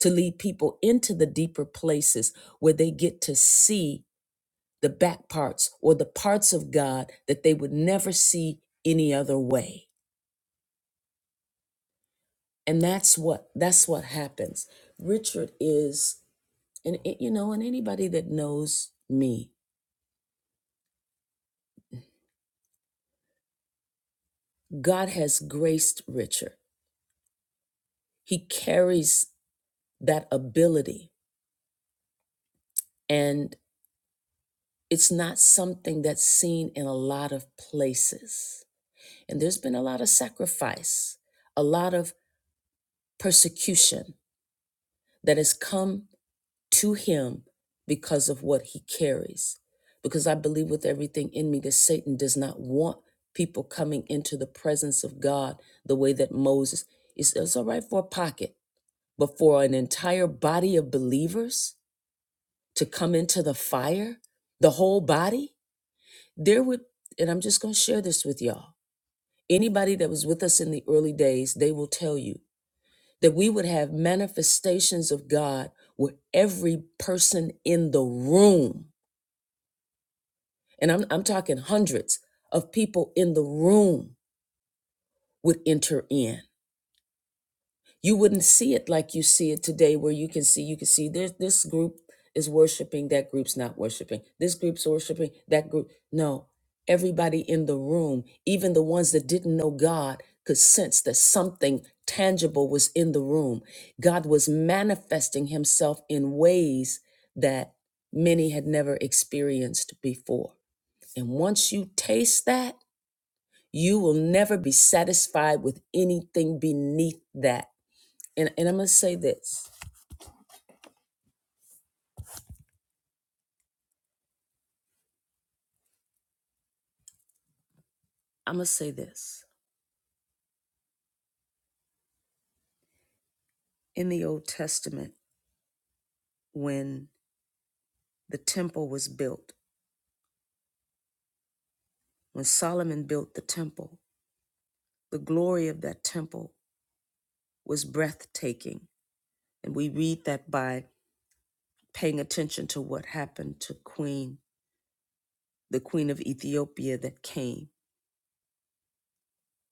A: to lead people into the deeper places where they get to see the back parts or the parts of God that they would never see any other way. And that's what that's what happens. Richard is and it- you know and anybody that knows me, God has graced Richard. He carries that ability and it's not something that's seen in a lot of places. And there's been a lot of sacrifice, a lot of persecution that has come to him because of what he carries. Because I believe with everything in me that Satan does not want people coming into the presence of God the way that Moses. It's, it's all right for a pocket, but for an entire body of believers to come into the fire, the whole body, there would, and I'm just going to share this with y'all. Anybody that was with us in the early days, they will tell you that we would have manifestations of God where every person in the room, and I'm, I'm talking hundreds of people in the room, would enter in. you wouldn't see it like you see it today where you can see you can see this this group is worshiping that group's not worshiping this group's worshiping that group no everybody in the room even the ones that didn't know god could sense that something tangible was in the room god was manifesting himself in ways that many had never experienced before and once you taste that you will never be satisfied with anything beneath that and and I'm gonna say this. I'm gonna say this. In the Old Testament, when the temple was built, when Solomon built the temple, the glory of that temple was breathtaking. And we read that by paying attention to what happened to Queen, the Queen of Ethiopia that came.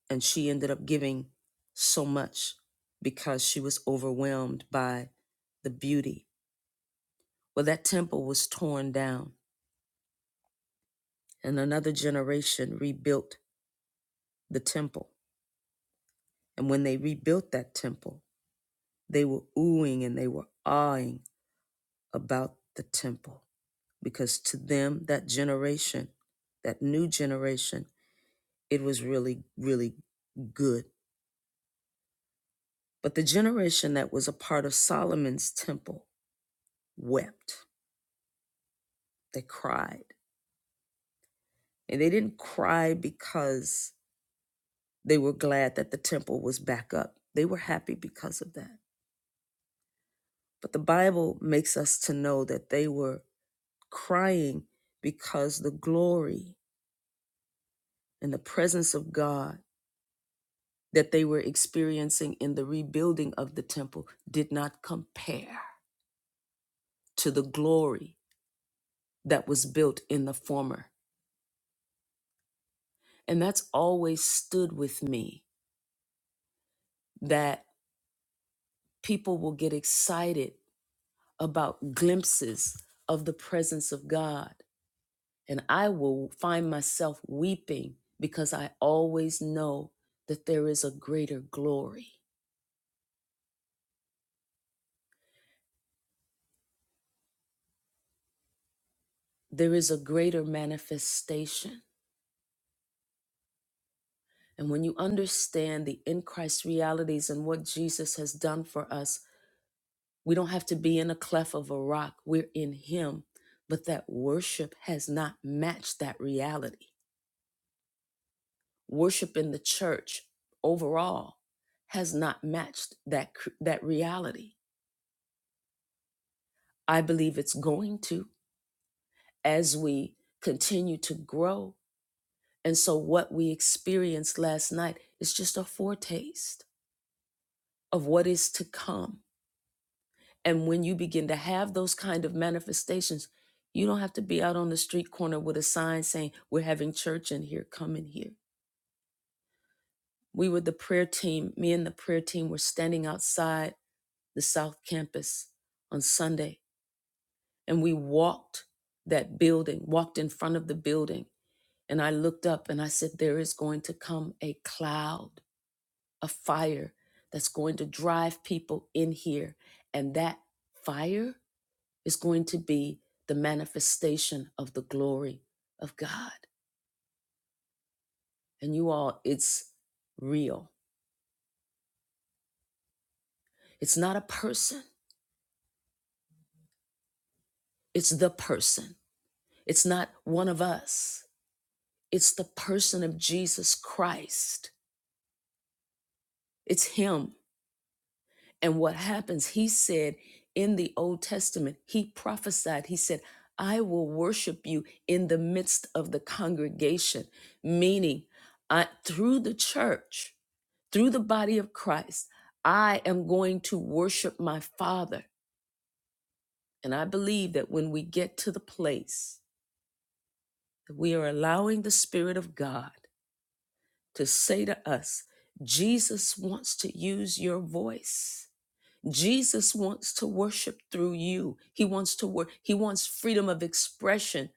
A: And she ended up giving so much because she was overwhelmed by the beauty. Well, that temple was torn down, and another generation rebuilt the temple. And when they rebuilt that temple, they were oohing and they were awing about the temple because to them, that generation, that new generation, it was really, really good. But the generation that was a part of Solomon's temple wept. They cried. And they didn't cry because they were glad that the temple was back up. They were happy because of that. But the Bible makes us to know that they were crying because the glory and the presence of God that they were experiencing in the rebuilding of the temple did not compare to the glory that was built in the former. And that's always stood with me that people will get excited about glimpses of the presence of God. And I will find myself weeping because I always know that there is a greater glory there is a greater manifestation. And when you understand the in Christ realities and what Jesus has done for us, we don't have to be in a cleft of a rock. We're in Him. But that worship has not matched that reality. Worship in the church overall has not matched that, cr- that reality. I believe it's going to as we continue to grow. And so, what we experienced last night is just a foretaste of what is to come. And when you begin to have those kind of manifestations, you don't have to be out on the street corner with a sign saying, We're having church in here, come in here. We were the prayer team, me and the prayer team were standing outside the South Campus on Sunday, and we walked that building, walked in front of the building. And I looked up and I said, There is going to come a cloud, a fire that's going to drive people in here. And that fire is going to be the manifestation of the glory of God. And you all, it's real. It's not a person, it's the person. It's not one of us, it's the person of Jesus Christ. It's Him. And what happens, He said in the Old Testament, He prophesied, He said, I will worship you in the midst of the congregation, meaning I, through the church through the body of Christ, I am going to worship my Father. And I believe that when we get to the place that we are allowing the Spirit of God to say to us, Jesus wants to use your voice. Jesus wants to worship through you. He wants to work. He wants freedom of expression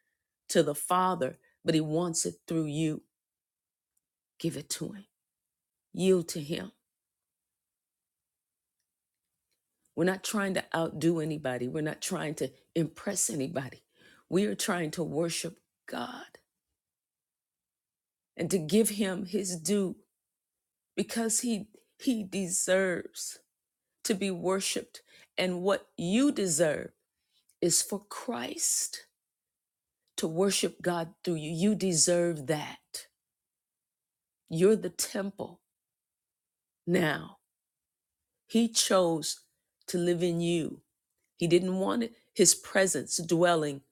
A: to the Father, but he wants it through you. Give it to him. Yield to him. We're not trying to outdo anybody. We're not trying to impress anybody. We are trying to worship God and to give him his due because he he deserves to be worshiped and what you deserve is for Christ to worship God through you. You deserve that. You're the temple now. He chose to live in you. He didn't want his presence dwelling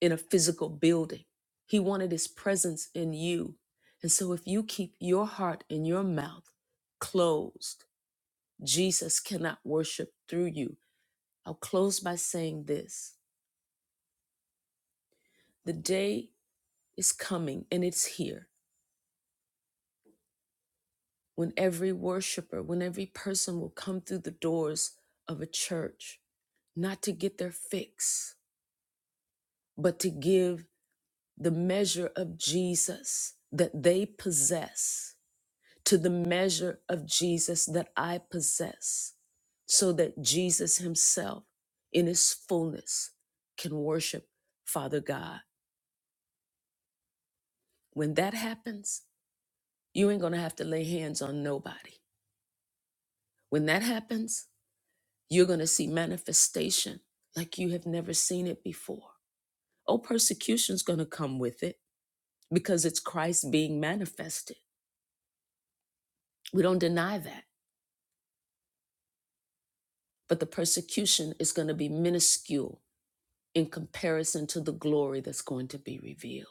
A: in a physical building. He wanted his presence in you. And so if you keep your heart and your mouth closed, Jesus cannot worship through you. I'll close by saying this the day is coming and it's here when every worshiper, when every person will come through the doors of a church, not to get their fix, but to give the measure of Jesus that they possess to the measure of Jesus that I possess, so that Jesus Himself, in His fullness, can worship Father God. When that happens, you ain't gonna have to lay hands on nobody. When that happens, you're gonna see manifestation like you have never seen it before. Oh, persecution's gonna come with it because it's Christ being manifested. We don't deny that, but the persecution is gonna be minuscule in comparison to the glory that's going to be revealed.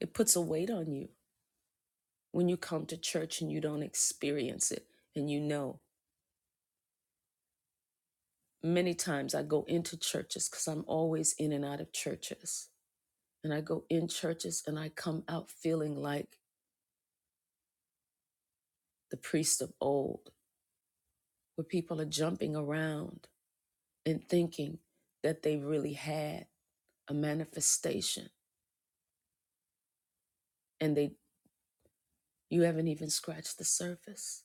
A: It puts a weight on you when you come to church and you don't experience it. And you know, many times I go into churches because I'm always in and out of churches. And I go in churches and I come out feeling like the priest of old, where people are jumping around and thinking that they really had a manifestation and they you haven't even scratched the surface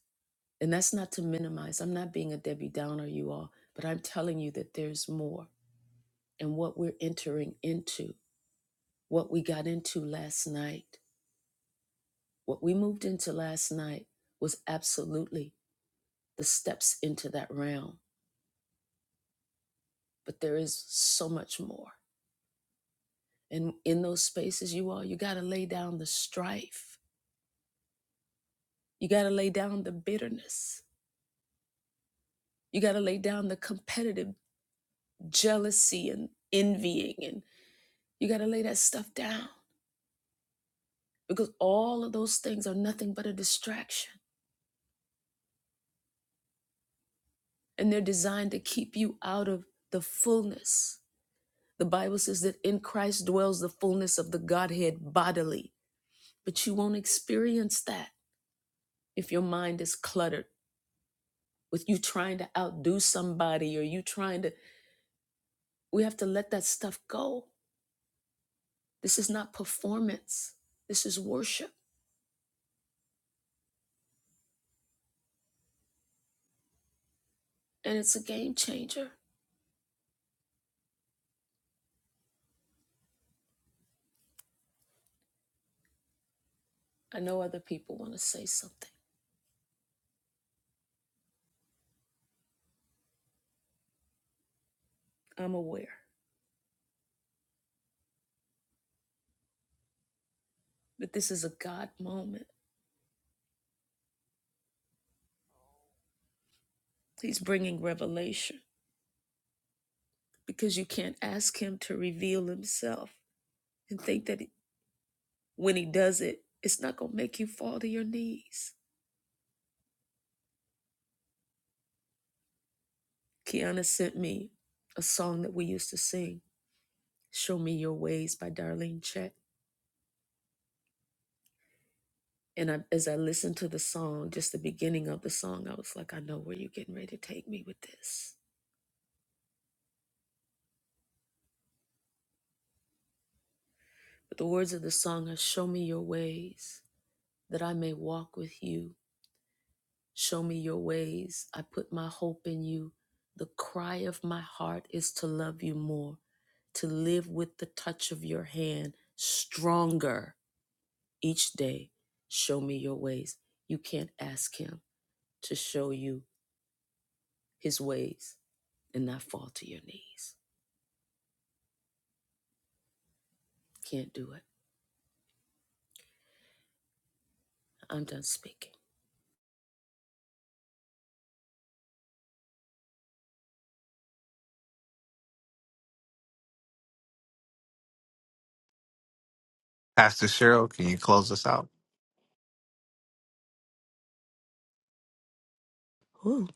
A: And that's not to minimize. I'm not being a Debbie Downer, you all, but I'm telling you that there's more. And what we're entering into, what we got into last night, what we moved into last night was absolutely the steps into that realm. But there is so much more. And in those spaces, you all, you got to lay down the strife. You got to lay down the bitterness. You got to lay down the competitive jealousy and envying. And you got to lay that stuff down because all of those things are nothing but a distraction and they're designed to keep you out of the fullness. The Bible says that in Christ dwells the fullness of the Godhead bodily, but you won't experience that if your mind is cluttered with you trying to outdo somebody or you trying to. We have to let that stuff go. This is not performance, this is worship, and it's a game changer. I know other people want to say something. I'm aware that this is a God moment He's bringing revelation because you can't ask him to reveal himself and think that when he does it, it's not going to make you fall to your knees. Kiana sent me a song that we used to sing, Show Me Your Ways by Darlene Chet. And I, as I listened to the song, just the beginning of the song, I was like, I know where you're getting ready to take me with this. But the words of the song are, Show me your ways that I may walk with you Show me your ways. I put my hope in you. The cry of my heart is to love you more, to live with the touch of your hand stronger each day. Show me your ways. You can't ask him to show you his ways and not fall to your knees. Can't do it. I'm done speaking.
D: Pastor Cheryl, can you close us out?
I: Oh,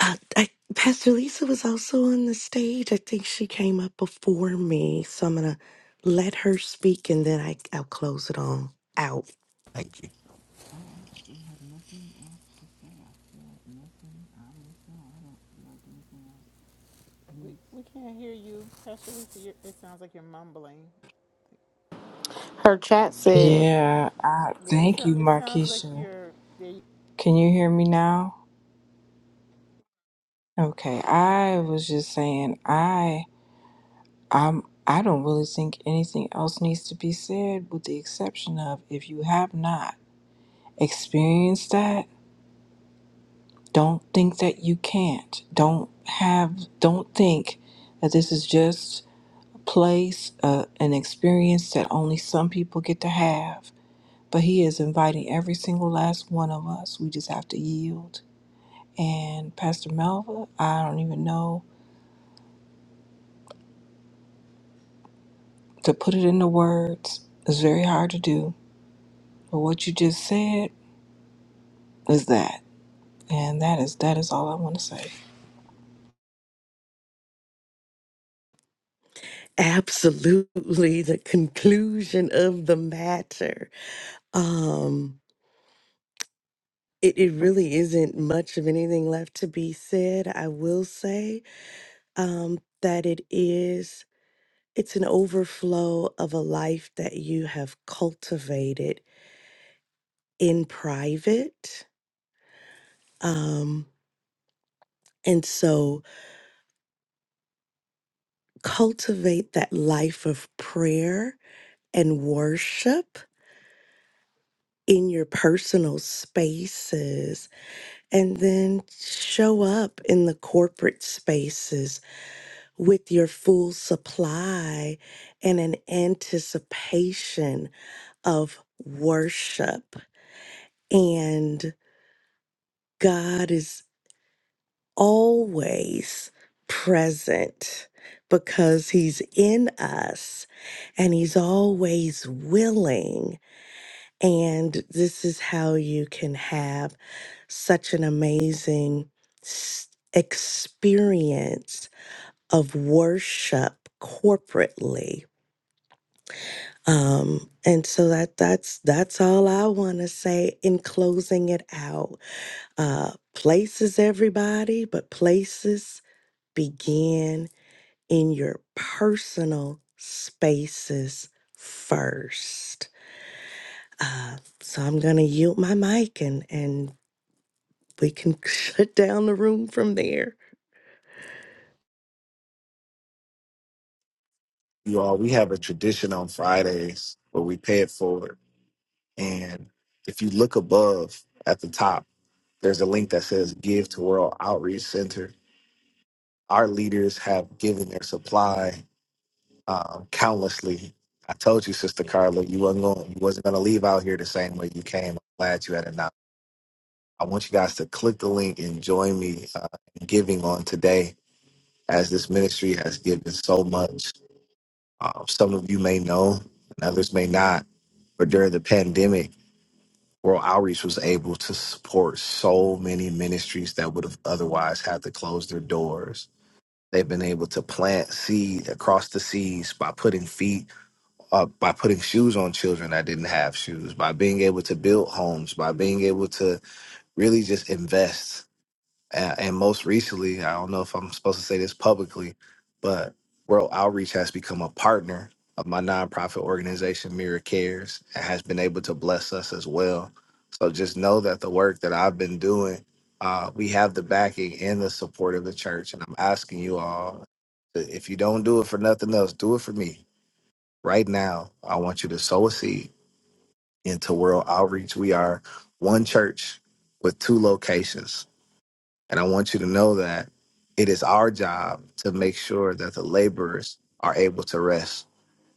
I: I, I, Pastor Lisa was also on the stage. I think she came up before me. So I'm going to let her speak and then I, I'll close it on out.
D: Thank you.
B: We, we can't hear you, Pastor Lisa. You're, it sounds like you're mumbling.
G: Her chat said
J: Yeah, I,
B: Yeah, it,
J: thank
B: so,
J: you,
B: it sounds like
J: Markeisha.
B: you're there.
J: Can you hear me now? Okay, I was just saying, I, I'm, I don't really think anything else needs to be said, with the exception of if you have not experienced that, don't think that you can't. Don't have, don't think that this is just a place, uh, an experience that only some people get to have. But he is inviting every single last one of us. We just have to yield And Pastor Melva, I don't even know to put it into words. It's very hard to do. But what you just said is that. And that is that is all I want to say.
I: Absolutely the conclusion of the matter. Um, it, it really isn't much of anything left to be said. I will say um, that it is, it's an overflow of a life that you have cultivated in private. Um, And so cultivate that life of prayer and worship in your personal spaces and then show up in the corporate spaces with your full supply and an anticipation of worship and God is always present because he's in us and he's always willing. And this is how you can have such an amazing s- experience of worship corporately. Um, and so that that's that's all I want to say in closing it out. Uh, places everybody, but places begin in your personal spaces first. Uh, so I'm going to yield my mic and, and we can shut down the room from there.
D: You all, we have a tradition on Fridays where we pay it forward. And if you look above at the top, there's a link that says Give to World Outreach Center. Our leaders have given their supply um, countlessly. I told you, Sister Carla, you wasn't going, you wasn't going to leave out here the same way you came. I'm glad you had it. Now, I want you guys to click the link and join me uh, in giving on today, as this ministry has given so much. Um, some of you may know, and others may not. But during the pandemic, World Outreach was able to support so many ministries that would have otherwise had to close their doors. They've been able to plant seed across the seas by putting feet uh, by putting shoes on children that didn't have shoes, by being able to build homes, by being able to really just invest. And, and most recently, I don't know if I'm supposed to say this publicly, but World Outreach has become a partner of my nonprofit organization, Mirror Cares, and has been able to bless us as well. So just know that the work that I've been doing, uh, we have the backing and the support of the church. And I'm asking you all, if you don't do it for nothing else, do it for me right now, I want you to sow a seed into World Outreach. We are one church with two locations. And I want you to know that it is our job to make sure that the laborers are able to rest.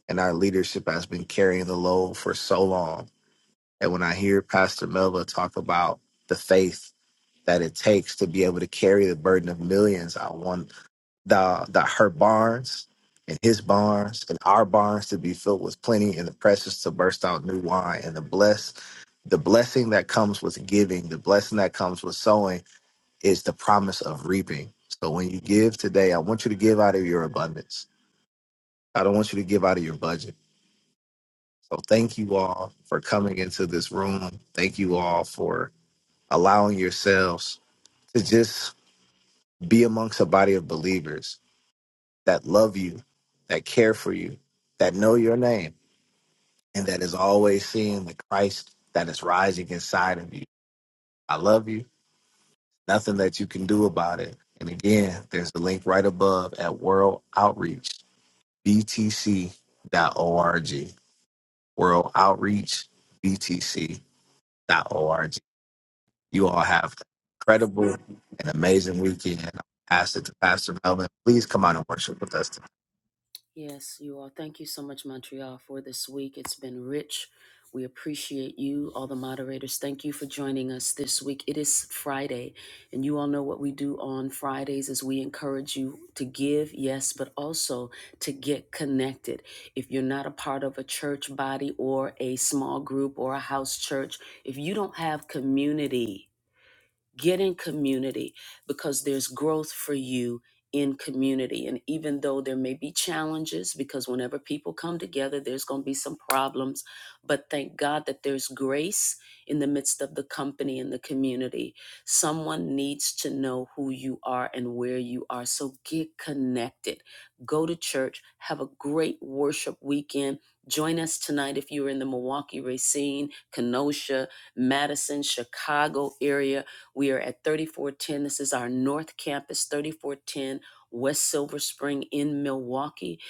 D: And our leadership has been carrying the load for so long. And when I hear Pastor Melva talk about the faith that it takes to be able to carry the burden of millions, I want Thou that her barns and his barns and our barns to be filled with plenty and the presses to burst out new wine and the bless the blessing that comes with giving, the blessing that comes with sowing is the promise of reaping. So when you give today, I want you to give out of your abundance. I don't want you to give out of your budget. So thank you all for coming into this room. Thank you all for allowing yourselves to just be amongst a body of believers that love you, that care for you, that know your name, and that is always seeing the Christ that is rising inside of you. I love you. Nothing that you can do about it. And again, there's the link right above at World Outreach, BTC dot org. World Outreach, BTC dot org. You all have an incredible and amazing weekend. I Ask it to Pastor Melvin. Please come out and worship with us. today.
A: Yes, you are. Thank you so much, Montreal, for this week. It's been rich. We appreciate you, all the moderators. Thank you for joining us this week. It is Friday, and you all know what we do on Fridays is we encourage you to give, yes, but also to get connected. If you're not a part of a church body or a small group or a house church, if you don't have community, Get in community because there's growth for you in community. And even though there may be challenges, because whenever people come together, there's going to be some problems. But thank God that there's grace in the midst of the company and the community. Someone needs to know who you are and where you are. So get connected. Go to church. Have a great worship weekend. Join us tonight if you're in the Milwaukee, Racine, Kenosha, Madison, Chicago area we are at 3410. This is our North Campus, 3410 West Silver Spring in Milwaukee.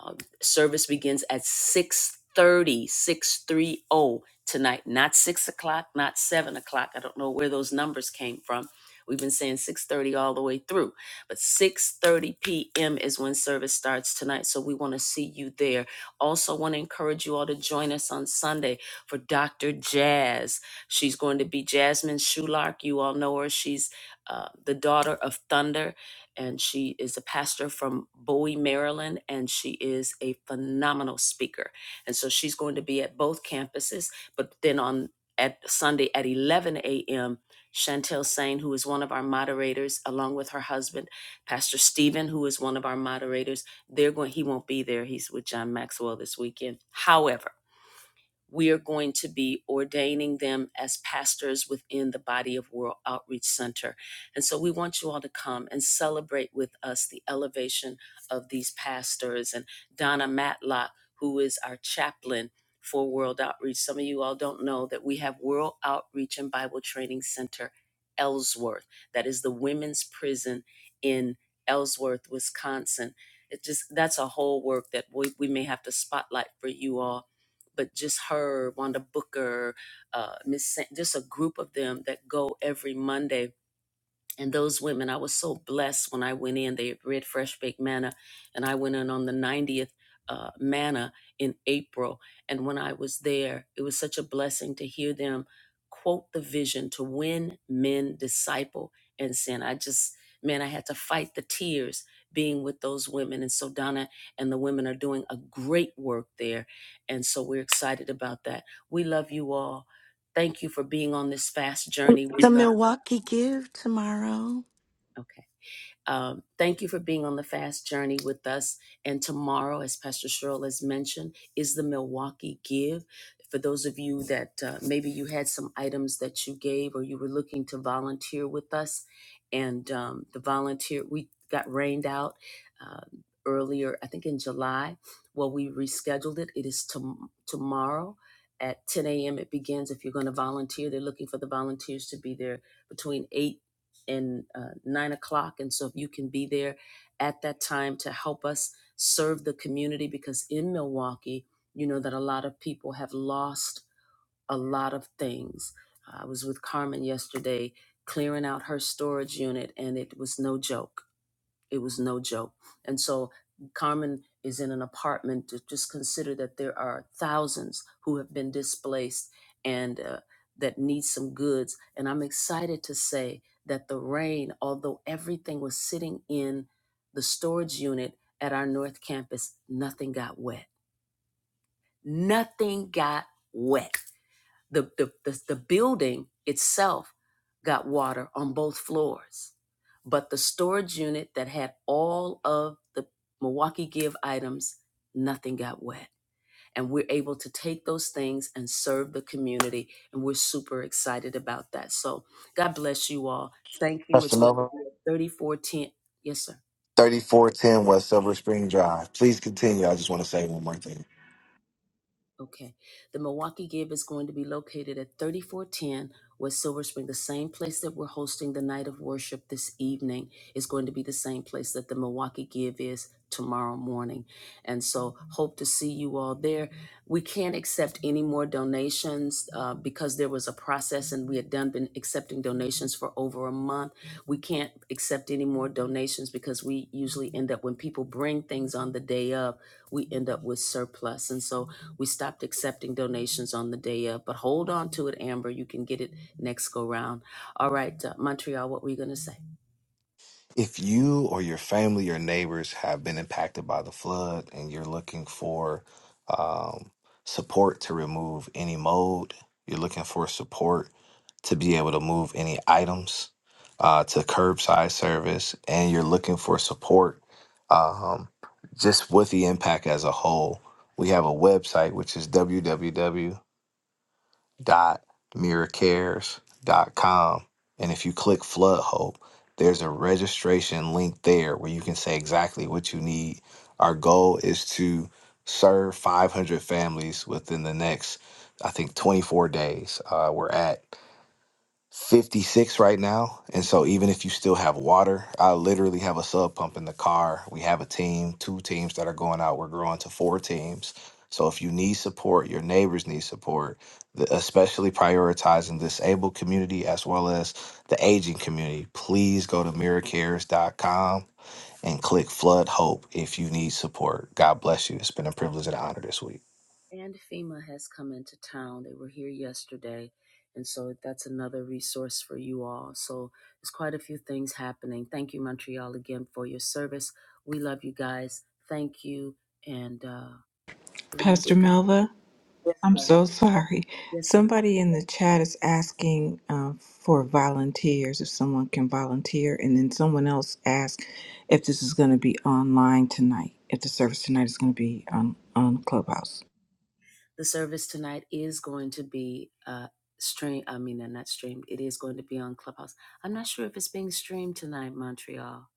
A: Uh, service begins at 630, 630 tonight, not 6 o'clock, not 7 o'clock. I don't know where those numbers came from. We've been saying 6:30 all the way through, but 6:30 p.m. is when service starts tonight. So we want to see you there. Also, want to encourage you all to join us on Sunday for Dr. Jazz. She's going to be Jasmine Shulark. You all know her. She's uh, the daughter of Thunder, and she is a pastor from Bowie, Maryland, and she is a phenomenal speaker. And so she's going to be at both campuses. But then on at Sunday at 11 a.m., Chantel Sain, who is one of our moderators, along with her husband, Pastor Stephen, who is one of our moderators, they're going. He won't be there. He's with John Maxwell this weekend. However we are going to be ordaining them as pastors within the body of World Outreach Center. And so we want you all to come and celebrate with us the elevation of these pastors and Donna Matlock, who is our chaplain for World Outreach. Some of you all don't know that we have World Outreach and Bible Training Center Ellsworth, that is the women's prison in Ellsworth, Wisconsin. It just that's a whole work that we, we may have to spotlight for you all but just her, Wanda Booker, uh, Miss, Sa- just a group of them that go every Monday and those women i was so blessed when i went in they read fresh baked manna and i went in on the 90th uh, manna in april and when i was there it was such a blessing to hear them quote the vision to win men disciple and sin i just man i had to fight the tears being with those women and so donna and the women are doing a great work there and so we're excited about that we love you all thank you for being on this fast journey with
I: The
A: us
I: Milwaukee Give tomorrow.
A: Okay. Um, thank you for being on the fast journey with us. And tomorrow, as Pastor Cheryl has mentioned, is the Milwaukee Give. For those of you that uh, maybe you had some items that you gave or you were looking to volunteer with us, and um, the volunteer, we got rained out uh, earlier, I think in July. Well, we rescheduled it. It is tom tomorrow at 10 a.m. It begins. If you're going to volunteer, they're looking for the volunteers to be there between 8 and uh, nine o'clock. And so if you can be there at that time to help us serve the community, because in Milwaukee, you know that a lot of people have lost a lot of things. I was with Carmen yesterday clearing out her storage unit, and it was no joke it was no joke. And so Carmen is in an apartment to just consider that there are thousands who have been displaced and uh, that need some goods. And I'm excited to say that the rain, although everything was sitting in the storage unit at our North Campus, nothing got wet. Nothing got wet the, the, the, the building itself got water on both floors, but the storage unit that had all of the Milwaukee Give items, nothing got wet. And we're able to take those things and serve the community. And we're super excited about that. So God bless you all. Thank you.
D: Pastor
A: It's going to
D: Melvin.
A: be at 3410. Yes, sir.
D: 3410 West Silver Spring Drive. Please continue. I just want to say one more thing.
A: Okay. The Milwaukee Give is going to be located at 3410 West Silver Spring, the same place that we're hosting the night of worship this evening is going to be the same place that the Milwaukee Give is tomorrow morning. And so hope to see you all there. We can't accept any more donations uh, because there was a process and we had done been accepting donations for over a month we can't accept any more donations because we usually end up when people bring things on the day of we end up with surplus and so we stopped accepting donations on the day of but hold on to it amber you can get it next go round all right uh, montreal what were you going to say
D: If you or your family or neighbors have been impacted by the flood and you're looking for um, support to remove any mold, you're looking for support to be able to move any items uh, to curbside service, and you're looking for support um, just with the impact as a whole, we have a website which is www.wsbc.org www dot miracares dot com And if you click Flood Hope, there's a registration link there where you can say exactly what you need. Our goal is to serve 500 families within the next, I think, 24 days. Uh, we're at 56 right now. And so even if you still have water, I literally have a sub pump in the car. We have a team, two teams that are going out. We're growing to four teams. So if you need support, your neighbors need support, the- especially prioritizing disabled community as well as the aging community. Please go to miracares.com and click Flood Hope if you need support. God bless you. It's been a privilege and an honor this week.
A: and fema has come into town they were here yesterday and so that's another resource for you all so there's quite a few things happening thank you montreal again for your service we love you guys thank you and uh, we're going to let
J: Pastor
A: you go
J: Melva, I'm so sorry.
A: Yes, love.
J: Somebody in the chat is asking uh, for volunteers, if someone can volunteer. And then someone else asked if this is going to be online tonight, if the service tonight is going to be on, on Clubhouse.
A: The service tonight is going to be uh stream I mean uh, not streamed. It is going to be on Clubhouse. I'm not sure if it's being streamed tonight, Montreal.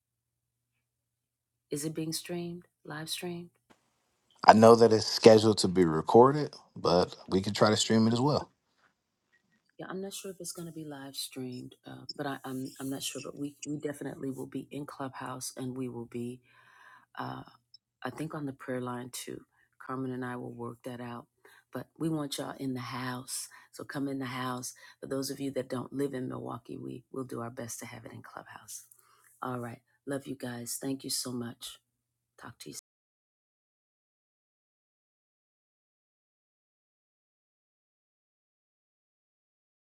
A: Is it being streamed? Live streamed?
D: I know that it's scheduled to be recorded, but we can try to stream it as well.
A: Yeah, I'm not sure if it's going to be live streamed, uh, but I, I'm I'm not sure. But we we definitely will be in Clubhouse, and we will be. uh. I think on the prayer line too. Carmen and I will work that out. But we want y'all in the house. So come in the house. For those of you that don't live in Milwaukee, we will do our best to have it in Clubhouse. All right. Love you guys. Thank you so much. Talk to you.